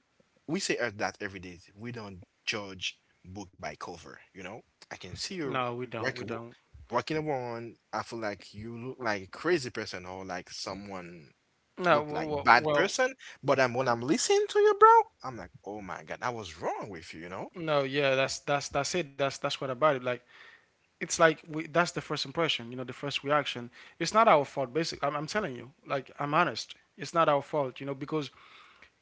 B: say, that every day we don't judge book by cover, you know. I can see you,
A: No, we don't. We
B: working
A: don't.
B: walking around, I feel like you look like a crazy person or like someone
A: No,
B: look like
A: well,
B: bad
A: well,
B: person, but I'm when I'm listening to you, bro, I'm like, oh my God, I was wrong with you, you know.
A: no, yeah. That's it. That's what about it. Like it's like we, that's the first impression. You know, the first reaction. It's not our fault. Basically, I'm telling you. Like I'm honest. It's not our fault. You know, because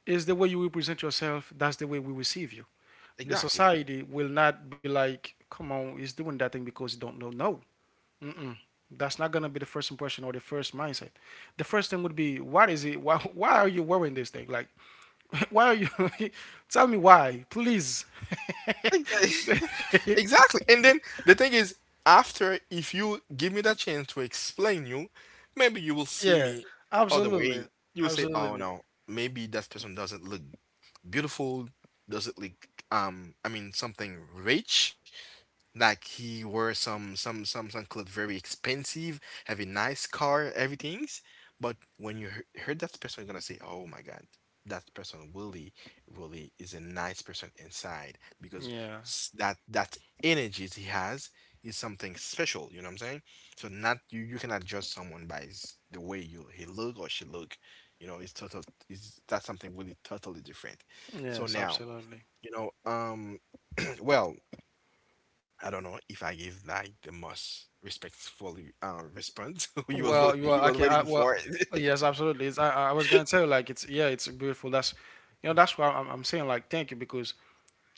A: is the way you will present yourself, that's the way we receive you. The
B: Exactly.
A: society will not be like, come on, he's doing that thing because he don't know. No. Mm-mm. That's not going to be the first impression or the first mindset. The first thing would be, what is it? Why are you wearing this thing? Like, why are you? tell me why, please.
B: Exa- Exactly. And then the thing is, after, if you give me that chance to explain you, maybe you will see
A: yeah,
B: me other
A: absolutely.
B: way. You will say, "Oh
A: Absolutely.
B: no, maybe that person doesn't look beautiful, doesn't like, I mean, something rich, like, he wore some clothes very expensive, have a nice car, everything's, but when you heard that person, you're gonna say, oh my God, that person really, really is a nice person inside, because
A: Yeah.
B: that energy he has is something special, you know what I'm saying?" So, not, you cannot judge someone by his, the way you he look or she look, you know, it's total, is that's something really totally different. So
A: Yes,
B: now,
A: absolutely.
B: you know, well, I don't know if I give like the most respectful, response you was,
A: Well, you
B: you
A: are
B: was
A: okay.
B: waiting
A: Well,
B: for it.
A: yes, absolutely. It's, I was gonna tell you, like it's, yeah, it's beautiful. That's that's why I'm saying like thank you, because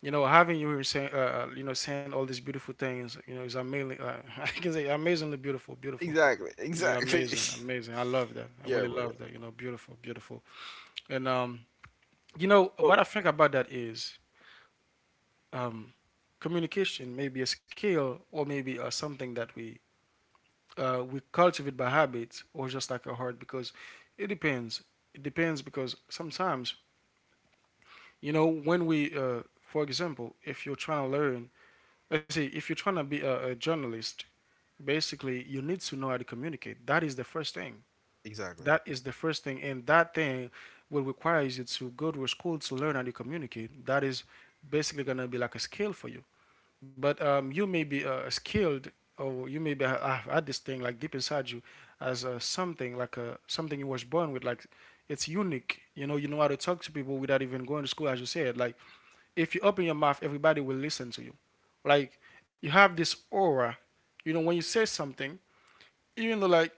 A: you know having you here saying you know saying all these beautiful things, you know, is amazing. I can say amazingly beautiful, beautiful.
B: Exactly,
A: Yeah,
B: exactly.
A: amazing, amazing. I love that. I really
B: Yeah,
A: love
B: brother.
A: that. You know, beautiful, beautiful. And you know what I
B: Oh,
A: think about that is um, communication may be a skill or maybe something that we cultivate by habit or just like a heart because it depends. It depends because sometimes, you know, when we, for example, if you're trying to learn, let's say if you're trying to be a journalist, basically you need to know how to communicate. That is the first thing.
B: exactly,
A: That is the first thing. And that thing will require you to go to a school to learn how to communicate. That is basically going to be like a skill for you, but you may be skilled, or you may be have had this thing like deep inside you as something, like something you was born with, like it's unique. You know how to talk to people without even going to school, as you said. Like, if you open your mouth, everybody will listen to you. Like, you have this aura. You know, when you say something, even though like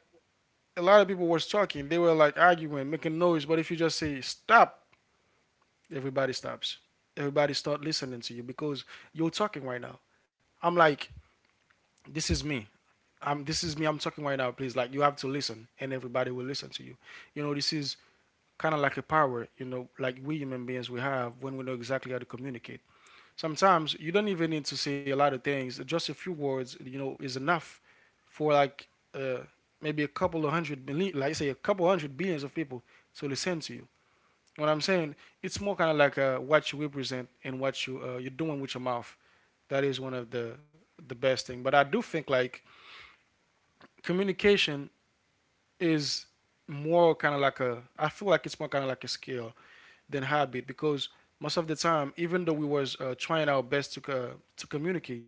A: a lot of people was talking, they were like arguing, making noise, but if you just say stop, everybody stops, everybody start listening to you because you're talking right now. I'm like, this is me, this is me, I'm talking right now, please. Like, you have to listen, and everybody will listen to you. You know, this is kind of like a power, you know, like we human beings we have when we know exactly how to communicate. Sometimes you don't even need to say a lot of things, just a few words, you know, is enough for like uh, maybe a couple of 100 million, like say a couple 100 billions of people to listen to you. You know what I'm saying? It's more kind of like what you represent and what you're doing with your mouth. That is one of the best thing. But I do think like communication is more kind of like a, I feel like it's more kind of like a skill than habit because most of the time, even though we was trying our best to communicate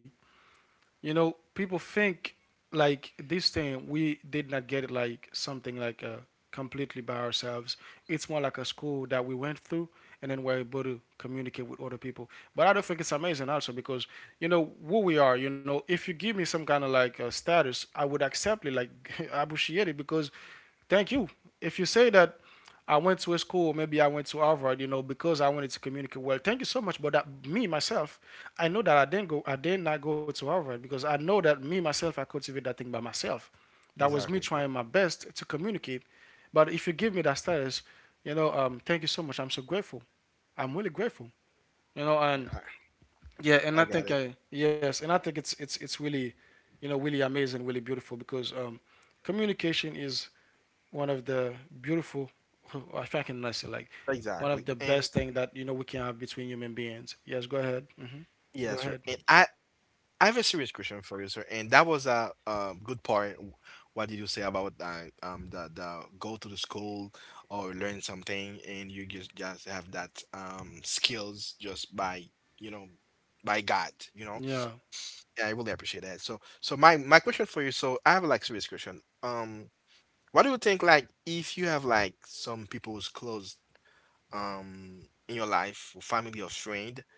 A: you know, people think like this thing we did not get it, like something like completely by ourselves. It's more like a school that we went through, and then we're able to communicate with other people. But I don't think it's amazing also because you know who we are. You know, if you give me some kind of like status, I would accept it. Like, I appreciate it because thank you. If you say that I went to a school, maybe I went to Harvard, you know, because I wanted to communicate well. Thank you so much. But that me myself, I know that I did not go to Harvard because I know that me myself, I cultivate that thing by myself. That was me
B: exactly.
A: trying my best to communicate. But if you give me that status, you know, thank you so much. I'm so grateful. I'm really grateful. You know,
B: Yeah,
A: and
B: I,
A: yeah, and I
B: I got
A: think
B: it.
A: I yes, and I think it's really, you know, really amazing, really beautiful because communication is one of the beautiful, if I can nice say like, one of
B: Exactly.
A: the
B: And
A: best thing that you know we can have between human beings. Yes, go ahead. Hmm. Go
B: yeah,
A: ahead.
B: sir. And I have a serious question for you, sir. And that was a good part. What did you say about the go to the school or learn something, and you just have that skills just by, you know, by God, you know?
A: Yeah.
B: Yeah, I really appreciate that. So, my question for you, so I have a, like, serious question. What do you think, like, if you have like some people's close, in your life, family or friend,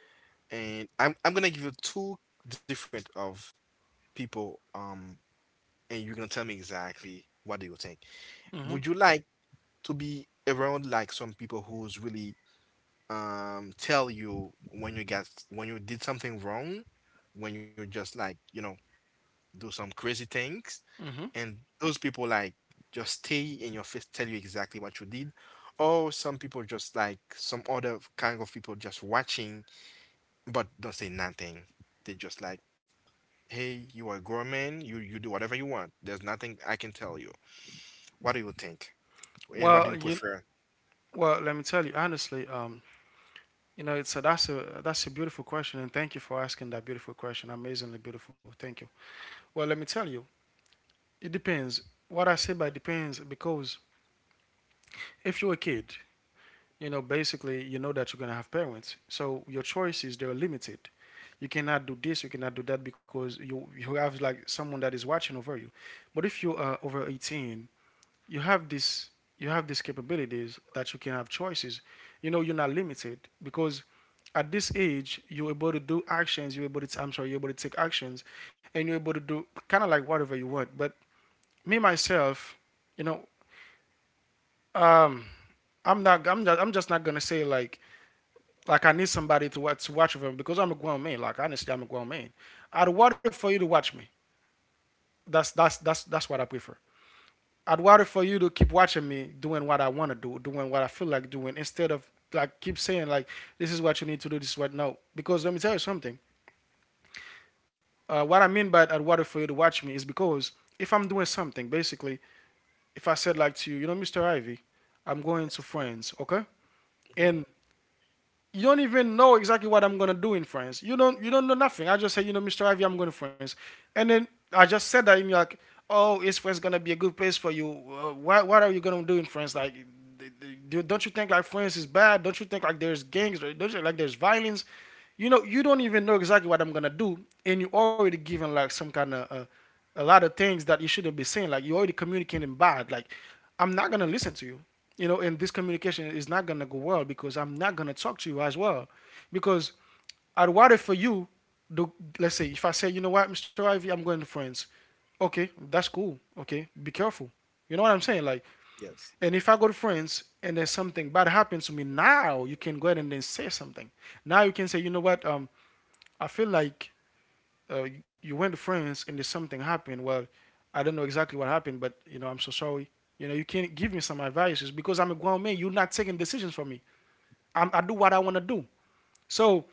B: and I'm gonna give you two different of people, and you're gonna tell me exactly what do you think. Would
A: Hmm.
B: you like to be around like some people who's really, tell you when you, get when you did something wrong, when you just, like, you know, do some crazy things,
A: Hmm.
B: and those people, like, just stay in your face, tell you exactly what you did, or some people just like some other kind of people, just watching but don't say nothing. They just like, hey, you are a grown man. You do whatever you want. There's nothing I can tell you. What do you think? And what do you
A: Well, you
B: prefer?
A: well, let me tell you honestly. You know, it's a, that's a that's a beautiful question, and thank you for asking that beautiful question. Amazingly beautiful. Thank you. Well, let me tell you, it depends. What I say by depends, because if you're a kid, you know, basically, you know that you're going to have parents. So your choices, they're limited. You cannot do this, you cannot do that because you have like someone that is watching over you. But if you are over 18, you have this you have these capabilities that you can have choices. You know, you're not limited because at this age you're able to do actions, you're able to, I'm sorry, you're able to take actions, and you're able to do kind of like whatever you want. But me myself, you know, um I'm just not going to say like I need somebody to watch over me because I'm a grown man. Like, honestly, I'm a grown man. I'd rather for you to watch me. That's what I prefer. I'd rather for you to keep watching me doing what I want to do, doing what I feel like doing, instead of like keep saying like, this is what you need to do, this is what, no. Because let me tell you something. What I mean by I'd rather for you to watch me is because if I'm doing something, basically, if I said like to you, you know, Mr. Ivy, I'm going
B: Yes,
A: to
B: sir.
A: France, okay?
B: Hmm.
A: And you don't even know exactly what I'm gonna do in France. You don't know nothing. I just say, you know, Mr. Ivy, I'm going to France, and then I just said that, and you're like, oh, is France gonna be a good place for you? What are you gonna do in France? Like, don't you think like France is bad? Don't you think like there's gangs? Don't you think like there's violence? You know, you don't even know exactly what I'm gonna do, and you already given like some kind of a lot of things that you shouldn't be saying. Like, you already communicating bad. Like, I'm not gonna listen to you, you know, and this communication is not gonna go well because I'm not gonna talk to you as well. Because I'd rather for you, the, let's say, if I say, you know what, Mr. Ivy, I'm going to friends. Okay, that's cool. Okay, be careful. You know what I'm saying? Like,
B: Yes,
A: and if I go to friends and there's something bad happens to me, now you can go ahead and then say something. Now you can say, you know what, I feel like went to France and there's something happened. Well, I don't know exactly what happened, but you know, I'm so sorry. You know, you can't give me some advices because I'm a grown man. You're not taking decisions for me. I do what I want to do. So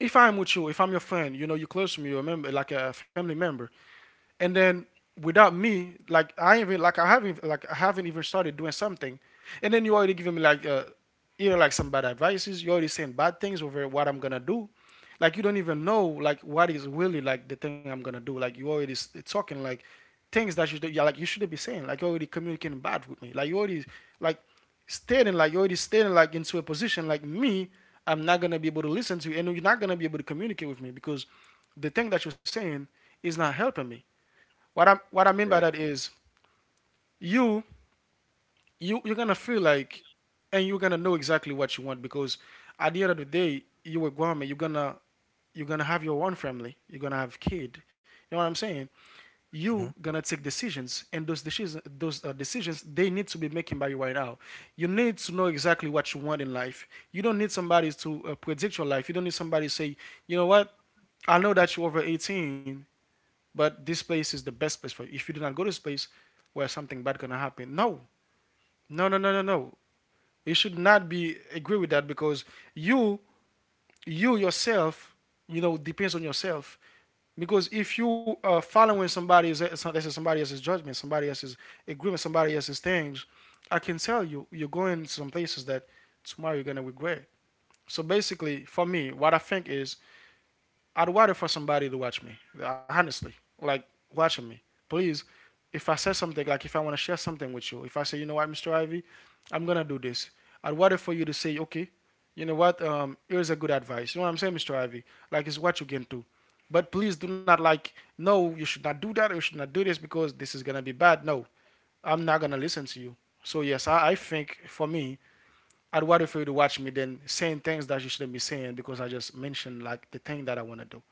A: if I'm with you, if I'm your friend, you know, you're close to me, you're a member, like a family member, and then without me, like I even like I haven't even started doing something, and then you already giving me like you know like some bad advices. You already saying bad things over what I'm gonna do. Like, you don't even know like what is really like the thing I'm gonna do. Like, you already talking like things that you shouldn't be saying. Like, you already communicating bad with me. Like, you already like stating like into a position like me. I'm not gonna be able to listen to you, and you're not gonna be able to communicate with me because the thing that you're saying is not helping me. What I
B: you're
A: mean
B: right.
A: by that is you you're gonna feel like, and you're gonna know exactly what you want because at the end of the day, you were grandma. You're gonna have your own family. You're gonna have kid. You know what I'm saying?
B: Hmm.
A: You gonna take decisions, and those decisions they need to be making by you right now. You need to know exactly what you want in life. You don't need somebody to predict your life. You don't need somebody to say, you know what, I know that you're over 18, but this place is the best place for you. If you do not go to this place, where something bad gonna happen, no, no, no, no, no, no. You should not be agree with that because you, you yourself, you know, depends on yourself. Because if you are following somebody else's judgment, somebody else's agreement, somebody else's things, I can tell you, you're going to some places that tomorrow you're gonna regret. So basically, for me, what I think is I'd wait for somebody to watch me, honestly, like watching me. Please, if I say something, like if I want to share something with you, if I say, you know what, Mr. Ivy, I'm gonna do this. I'd wait for you to say, okay, you know what, here's a good advice. You know what I'm saying, Mr. Ivy? Like, it's what you can do. But please do not, like, no, you should not do that or you should not do this because this is gonna be bad. No, I'm not gonna listen to you. So yes, I think for me, I'd rather for you to watch me than saying things that you shouldn't be saying because I just mentioned like the thing that I want to do.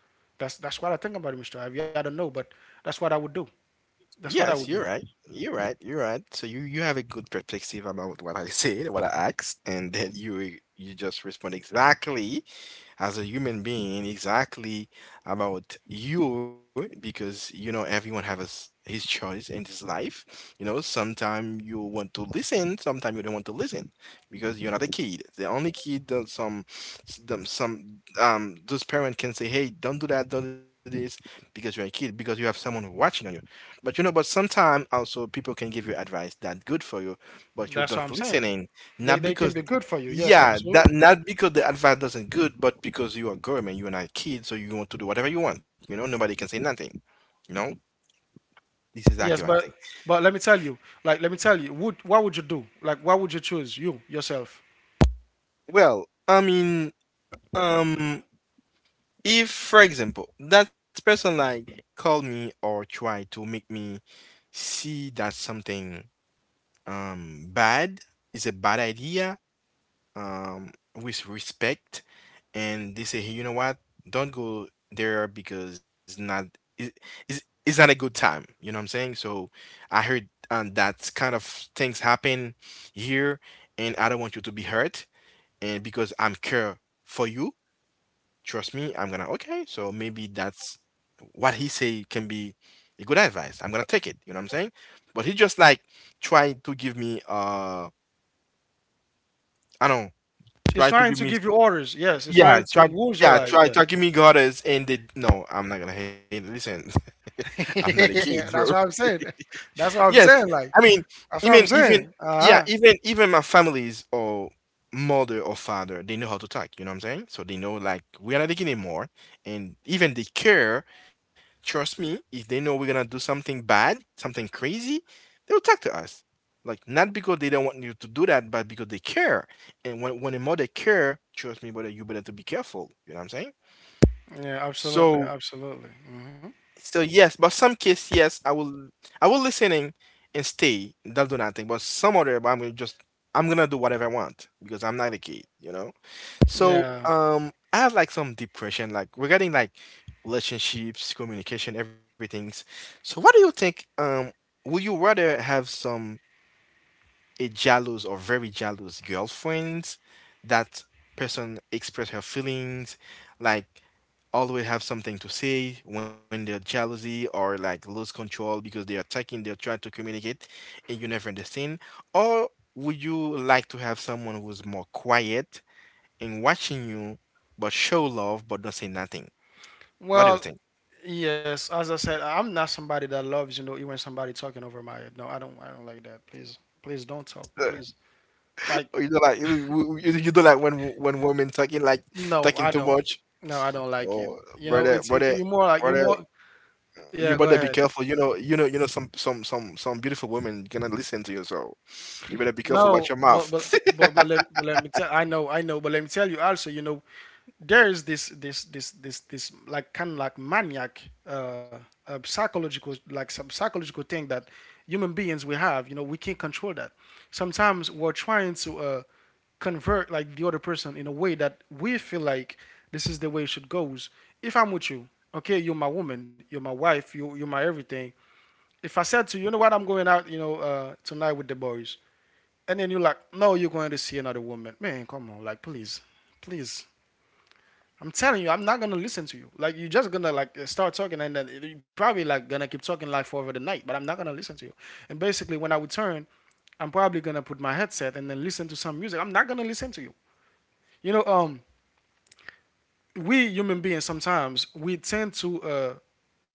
A: That's what I think about it, Mr. Ivy. I don't know, but that's what I would do. That's
B: Yes,
A: what
B: you're
A: I would
B: right.
A: do.
B: You're right. You're right. So you, have a good perspective about what I said, what I asked, and then you, just respond exactly as a human being, exactly, about you, because you know everyone have his choice in this life. You know, sometime you want to listen, sometime you don't want to listen, because you're not a kid. The only kid that some, some those parent can say, "Hey, don't do that, don't do this," because you're a kid, because you have someone watching on you. But you know, but sometimes also people can give you advice that good for you, but you
A: That's
B: don't
A: what I'm saying.
B: listening,
A: They
B: not
A: they can
B: because,
A: be good for you. Yes,
B: yeah,
A: absolutely.
B: that not because the advice doesn't good, but because you are government, you are not kid, so you want to do whatever you want. You know, nobody can say nothing. You know, this is exactly what
A: Yes,
B: I think.
A: but let me tell you, like let me tell you, would what would you do? Like what would you choose? You yourself.
B: Well, I mean, um, if for example that person, like, called me or tried to make me see that something bad is a bad idea, with respect, and they say, hey, you know what? Don't go there, because, not, it, it's not a good time. You know what I'm saying? So I heard, that kind of things happen here, and I don't want you to be hurt, and because I'm care for you, trust me, I'm gonna, okay. So maybe that's what he say can be a good advice. I'm gonna take it. You know what I'm saying? But he just like trying to give me, I don't know,
A: It's
B: try to
A: trying
B: give
A: to
B: me,
A: give you orders. Yes, it's
B: yeah,
A: trying to
B: try,
A: rules your
B: yeah,
A: life.
B: try,
A: Yeah,
B: try. Give me goddess, and they, no, I'm not gonna hate it. Listen, I'm not a kid, bro.
A: that's what I'm saying. That's what
B: Yes,
A: I'm saying.
B: I
A: Like
B: mean,
A: that's what I'm
B: even,
A: saying. Uh
B: yeah,
A: huh.
B: even my families, or mother, or father, they know how to talk. You know what I'm saying? So they know like we are not taking it more, and even they care. Trust me, if they know we're gonna do something bad, something crazy, they'll talk to us. Like not because they don't want you to do that, but because they care. And when a mother care, trust me, brother, you better to be careful. You know what I'm saying?
A: Yeah, absolutely,
B: So
A: absolutely. Hmm.
B: so yes, but some case yes, I will listen in and stay. They'll do nothing. But some other, but I'm gonna do whatever I want because I'm not a kid, you know. So
A: Yeah.
B: I have like some deep question like regarding like relationships, communication, everything. So what do you think? Will you rather have some a jealous or very jealous girlfriend, that person express her feelings, like always have something to say when they're jealousy or like lose control because they are attacking, they're trying to communicate and you never understand? Or would you like to have someone who's more quiet and watching you but show love but don't say nothing? What do you
A: Well,
B: think?
A: yes. As I said, I'm not somebody that loves, you know, even somebody talking over my head. No, I don't. I don't like that. Please, please don't talk.
B: Uh,
A: Please, like,
B: You don't like you don't like when women talking like
A: no,
B: talking
A: I
B: too
A: don't.
B: much.
A: No, I don't like it.
B: Oh,
A: You know,
B: brother,
A: it's it,
B: brother,
A: you more like you
B: brother,
A: more.
B: you
A: Yeah,
B: better
A: go
B: be
A: ahead.
B: careful. You know. Some beautiful women gonna listen to you. So you better be careful.
A: No,
B: Watch your mouth.
A: but let me tell. I know, but let me tell you also. You know, there is this this this this this like kind of like maniac, psychological like some psychological thing that human beings we have. You know, we can't control that. Sometimes we're trying to convert like the other person in a way that we feel like this is the way it should goes. If I'm with you, okay, you're my woman, you're my wife, you you're my everything. If I said to you, you know what, I'm going out, you know, tonight with the boys, and then you're like, no, you're going to see another woman. Man, come on, like, please, please. I'm telling you, I'm not gonna listen to you. Like, you're just gonna like start talking, and then you're probably like gonna keep talking like for over the night. But I'm not gonna listen to you. And basically, when I return, I'm probably gonna put my headset and then listen to some music. I'm not gonna listen to you. You know, we human beings sometimes we tend to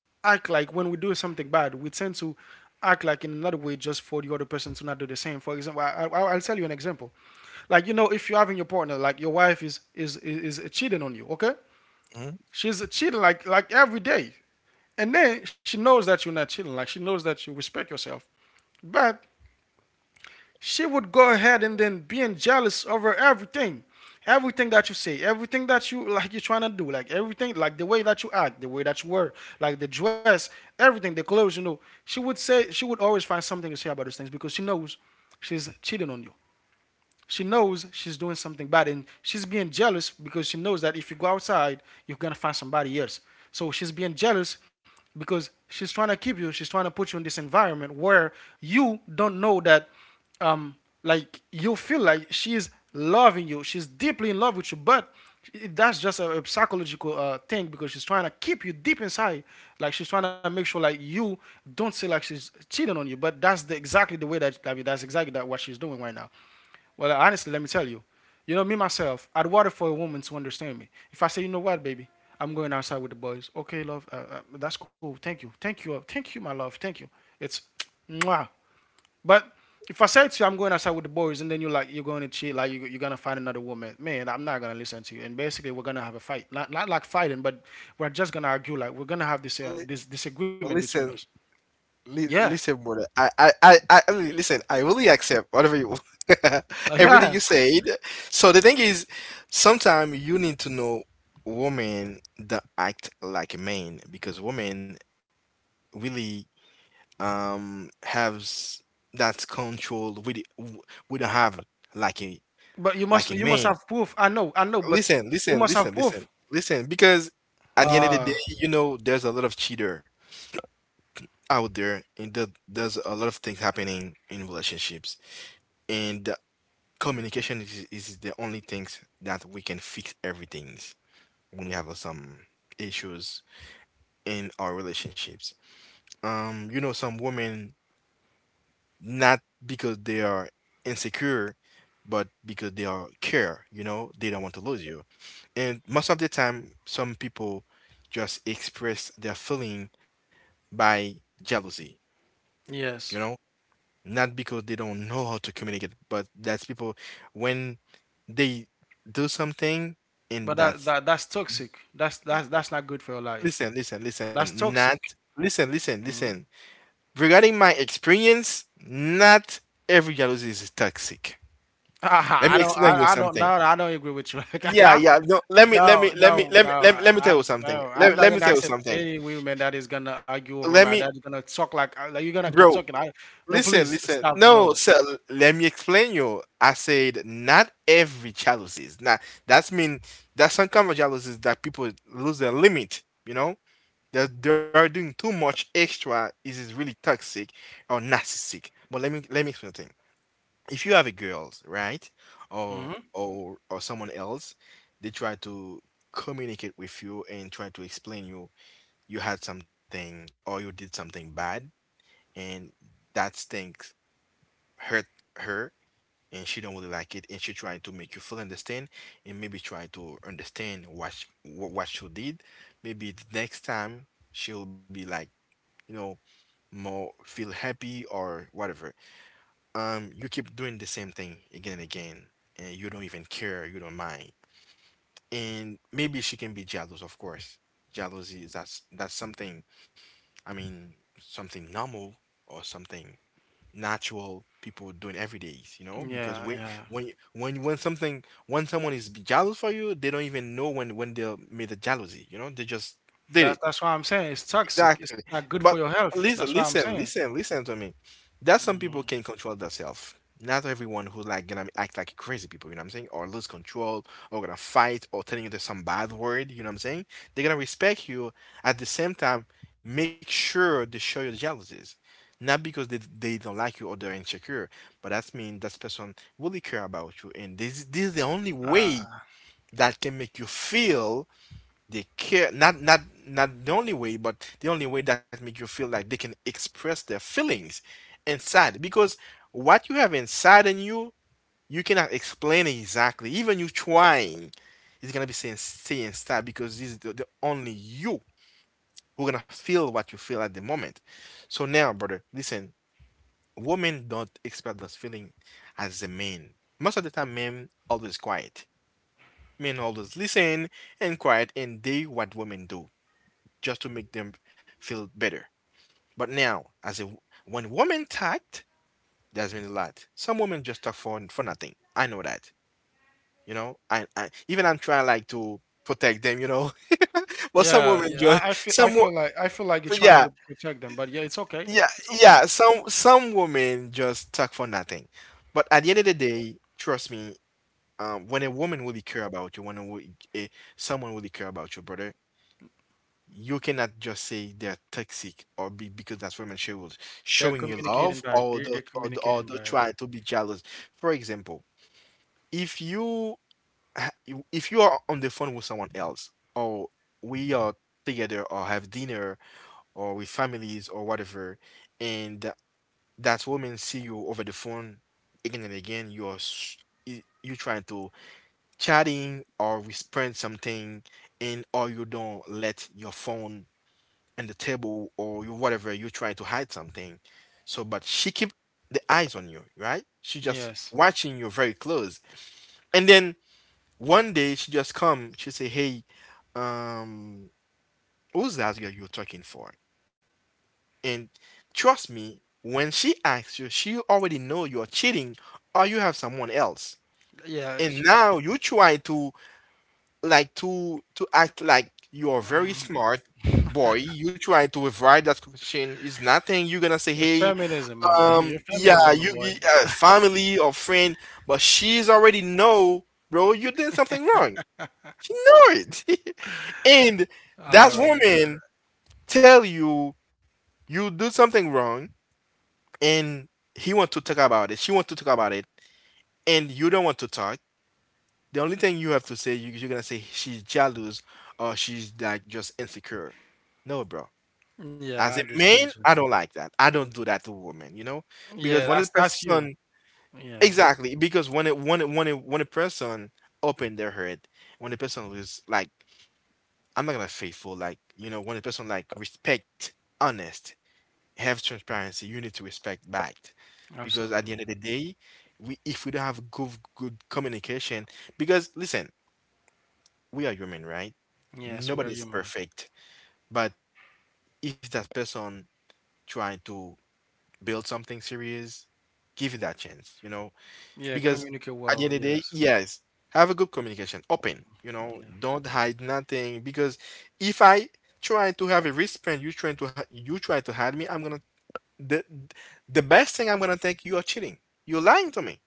A: act like when we do something bad, we tend to act like in another way just for the other person to not do the same. For example, I'll tell you an example. Like you know, if you're having your partner, like your wife is cheating on you, okay?
B: Mhm.
A: She's cheating like every day, and then she knows that you're not cheating. Like she knows that you respect yourself, but she would go ahead and then being jealous over everything, everything that you say, everything that you like you're trying to do, like everything, like the way that you act, the way that you wear, like the dress, everything, the clothes. You know, she would say she would always find something to say about these things because she knows she's cheating on you. She knows she's doing something bad, and she's being jealous because she knows that if you go outside, you're gonna find somebody else. So she's being jealous because she's trying to keep you. She's trying to put you in this environment where you don't know that, um, like you feel like she's loving you. She's deeply in love with you, but that's just a psychological thing because she's trying to keep you deep inside. Like she's trying to make sure like you don't feel like she's cheating on you. But that's the exactly the way that I mean, that's exactly that what she's doing right now. Well, honestly, let me tell you. You know, me myself, I'd want for a woman to understand me. If I say, you know what, baby, I'm going outside with the boys. Okay, love, that's cool. Thank you, thank you, thank you, my love, thank you. It's, mwah. But if I say to you, I'm going outside with the boys, and then you're like, you're going to cheat, like you're gonna find another woman, man, I'm not gonna listen to you. And basically, we're gonna have a fight. Not not like fighting, but we're just gonna argue. Like we're gonna have this
B: Li-
A: this disagreement between us.
B: Listen, li
A: Yeah,
B: listen, brother. Listen. I really accept whatever you,
A: like,
B: everything
A: yeah.
B: you said. So the thing is, sometimes you need to know women that act like men because women really has that control. We don't have like a
A: But
B: like a
A: you must
B: man.
A: have proof. I know, but
B: listen,
A: you
B: listen,
A: must have
B: listen,
A: proof.
B: listen, listen, because at the end of the day,
A: Ah,
B: you know, there's a lot of cheater out there, and there's a lot of things happening in relationships, and communication is the only things that we can fix everything when we have some issues in our relationships. You know, some women not because they are insecure, but because they are care. You know, they don't want to lose you. And most of the time, some people just express their feeling by jealousy, you
A: yes.
B: know, not because they don't know how to communicate, but that's people when they do something
A: But
B: and
A: that,
B: that's
A: that that's toxic. That's not good for your life.
B: listen, listen,
A: That's
B: listen, not
A: toxic.
B: listen. Regarding my experience, not every jealousy is toxic. Let
A: I
B: me
A: don't
B: explain you
A: I don't,
B: something.
A: no no, I don't agree with you.
B: Yeah, yeah. No, let me, let
A: No
B: me, let me,
A: no
B: let
A: no
B: me, let me,
A: I,
B: let me
A: I
B: tell you something.
A: no, I'm
B: Let,
A: not
B: let me
A: gonna
B: tell you
A: accept
B: something.
A: any woman that is gonna argue over
B: Let
A: my
B: me,
A: that is gonna talk like you're gonna keep
B: bro.
A: talking. I no
B: Listen,
A: please
B: listen.
A: stop
B: No,
A: no.
B: so let me explain you. I said not every jealousies. Now that's mean that's some kind of jealousies that people lose their limit. You know that they are doing too much extra. Is it really toxic or narcissistic? But let me explain something. If you have a girl, right,
A: Hmm.
B: or or someone else, they try to communicate with you and try to explain you you had something or you did something bad and that thing hurt her and she don't really like it and she trying to make you feel understand and maybe trying to understand what what she did maybe the next time she'll be like, you know, more feel happy or whatever. You keep doing the same thing again and again and you don't even care, you don't mind, and maybe she can be jealous. Of course jealousy is, that's something. I mean, something normal or something natural people doing every days, you know? Because
A: Yeah
B: when
A: yeah.
B: when you- when when something when someone is jealous for you, they don't even know when they made the jealousy, you know? They just did it.
A: That's why I'm saying it's toxic. It's
B: Exactly.
A: not good for
B: But
A: your health. That's why
B: listen,
A: I'm
B: listen,
A: saying.
B: listen, listen to me. That some people can control themselves. Not everyone who like gonna act like crazy people, you know what I'm saying? Or lose control, or gonna fight, or telling you there's some bad word, you know what I'm saying? They're gonna respect you. At the same time, make sure they show you jealousies. Not because they don't like you or they're insecure, but that means that person really care about you. And this is the only
A: Uh,
B: way that can make you feel they care. Not the only way, but the only way that make you feel like they can express their feelings inside, because what you have inside in you, you cannot explain it exactly. Even you trying, it's gonna be saying stay inside because this is the only you who gonna feel what you feel at the moment. So now brother listen, women don't express those feeling as the men. Most of the time men always quiet, men always listen and quiet, and they, what women do just to make them feel better. But now, as a when women talked, there's been a lot. Some women just talk for nothing. I know that. You know, I'm trying like to protect them. You know, but some
A: Yeah,
B: women
A: yeah.
B: just
A: I feel,
B: some wo-
A: I feel like you're trying
B: yeah,
A: to protect them, but yeah, it's okay.
B: yeah,
A: It's okay.
B: yeah, some women just talk for nothing. But at the end of the day, trust me. When a woman really care about you, when eh, someone really care about you, brother, you cannot just say they're toxic or be because that's women she was
A: They're
B: showing you
A: communicating
B: love
A: by
B: or
A: they're they're communicating
B: the
A: by it.
B: try to be jealous. For example, if you if you are on the phone with someone else or we are together or have dinner or with families or whatever, and that woman see you over the phone again and again, you are you trying to chatting or respond something and or you don't let your phone in the table or whatever you try to hide something. So, but she keep the eyes on you, right? She just
A: Yes.
B: watching you very close. And then one day she just come, she say, "Hey, um, who's that girl you're talking for?" And trust me, when she asks you, she already know you're cheating or you have someone else.
A: Yeah.
B: And
A: sh-
B: now you try to like to act like you're very smart boy. You trying to avoid that question is nothing. You're gonna say,
A: yeah,
B: "Hey,
A: feminism, my man. Your
B: yeah,
A: feminism, my
B: you
A: boy.
B: family or friend," but she's already know, bro, you did something wrong. She know it. And
A: All
B: that
A: right, all right.
B: woman tell you you do something wrong, and he want to talk about it, she want to talk about it, and you don't want to talk. The only thing you have to say, you're gonna say she's jealous or she's like just insecure. No, bro.
A: Yeah, I
B: As a
A: understand
B: man,
A: you.
B: I don't like that. I don't do that to women, you know, because
A: Yeah,
B: when a
A: that's you.
B: person
A: Yeah,
B: exactly because when a person open their heart, when a person is like, I'm not gonna faithful, like you know, when a person like respect, honest, have transparency, you need to respect back, because at the
A: absolutely.
B: end of the day, we, if we don't have good communication, because listen, we are human, right?
A: Yes, we are
B: Nobody is
A: human.
B: perfect. But if that person trying to build something serious, give it that chance, you know?
A: Yeah,
B: Because
A: communicate
B: at the
A: well.
B: end of the day,
A: Yes.
B: yes, have a good communication, open, you know,
A: Yeah.
B: don't hide nothing. Because if I try to have a wristband, you trying to you try to hide me, I'm gonna the the best thing I'm gonna think you are cheating. You're lying to me.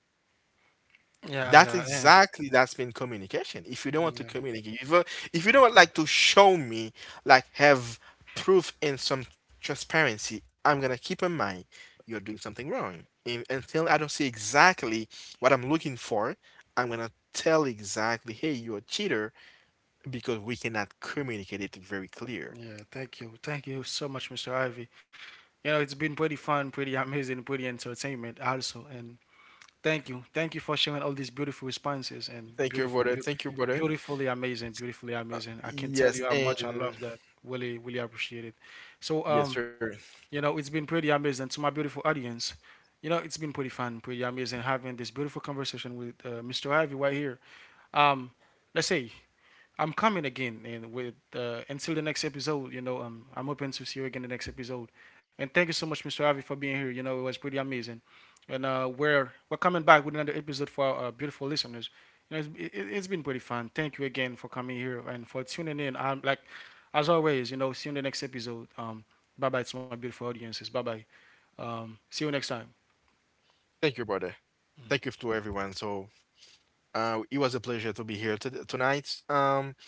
A: Yeah, yeah,
B: That's
A: yeah.
B: exactly that's been communication. If you don't want to
A: Yeah.
B: communicate, if you don't want, like to show me, like have proof and some transparency, I'm gonna keep in mind you're doing something wrong. And until I don't see exactly what I'm looking for, I'm gonna tell exactly, hey, you're a cheater because we cannot communicate it very clear.
A: Yeah. Thank you. Thank you so much, Mr. Ivy. You know, it's been pretty fun, pretty amazing, pretty entertainment also. And thank you. Thank you for sharing all these beautiful responses and
B: Thank you,
A: beautiful,
B: brother.
A: beautiful,
B: Thank you, brother.
A: beautifully amazing, beautifully amazing. I can tell you
B: Yes,
A: how much I love
B: and
A: that. Really, really appreciate it. So,
B: yes, sir.
A: you know, it's been pretty amazing to my beautiful audience. You know, it's been pretty fun, pretty amazing having this beautiful conversation with Mr. Ivy right here. Um, let's say I'm coming again, and with until the next episode, you know, I'm hoping to see you again the next episode. And thank you so much, Mr. Avi, for being here. You know, it was pretty amazing. And we're coming back with another episode for our beautiful listeners. You know, it's been pretty fun. Thank you again for coming here and for tuning in. I'm like, as always, you know, see you in the next episode. Bye bye to my beautiful audiences. Bye bye. See you next time.
B: Thank you, brother. Thank you to everyone. So. It was a pleasure to be here to tonight,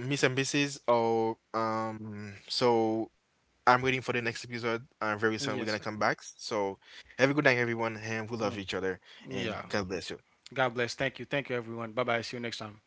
B: Miss and Mrs. Oh, so I'm waiting for the next episode. Very soon we're gonna
A: Yes.
B: come back. So have a good night, everyone, and we
A: Yeah.
B: love each other.
A: Yeah.
B: And God bless you.
A: God bless. Thank you. Thank you, everyone. Bye bye. See you next time.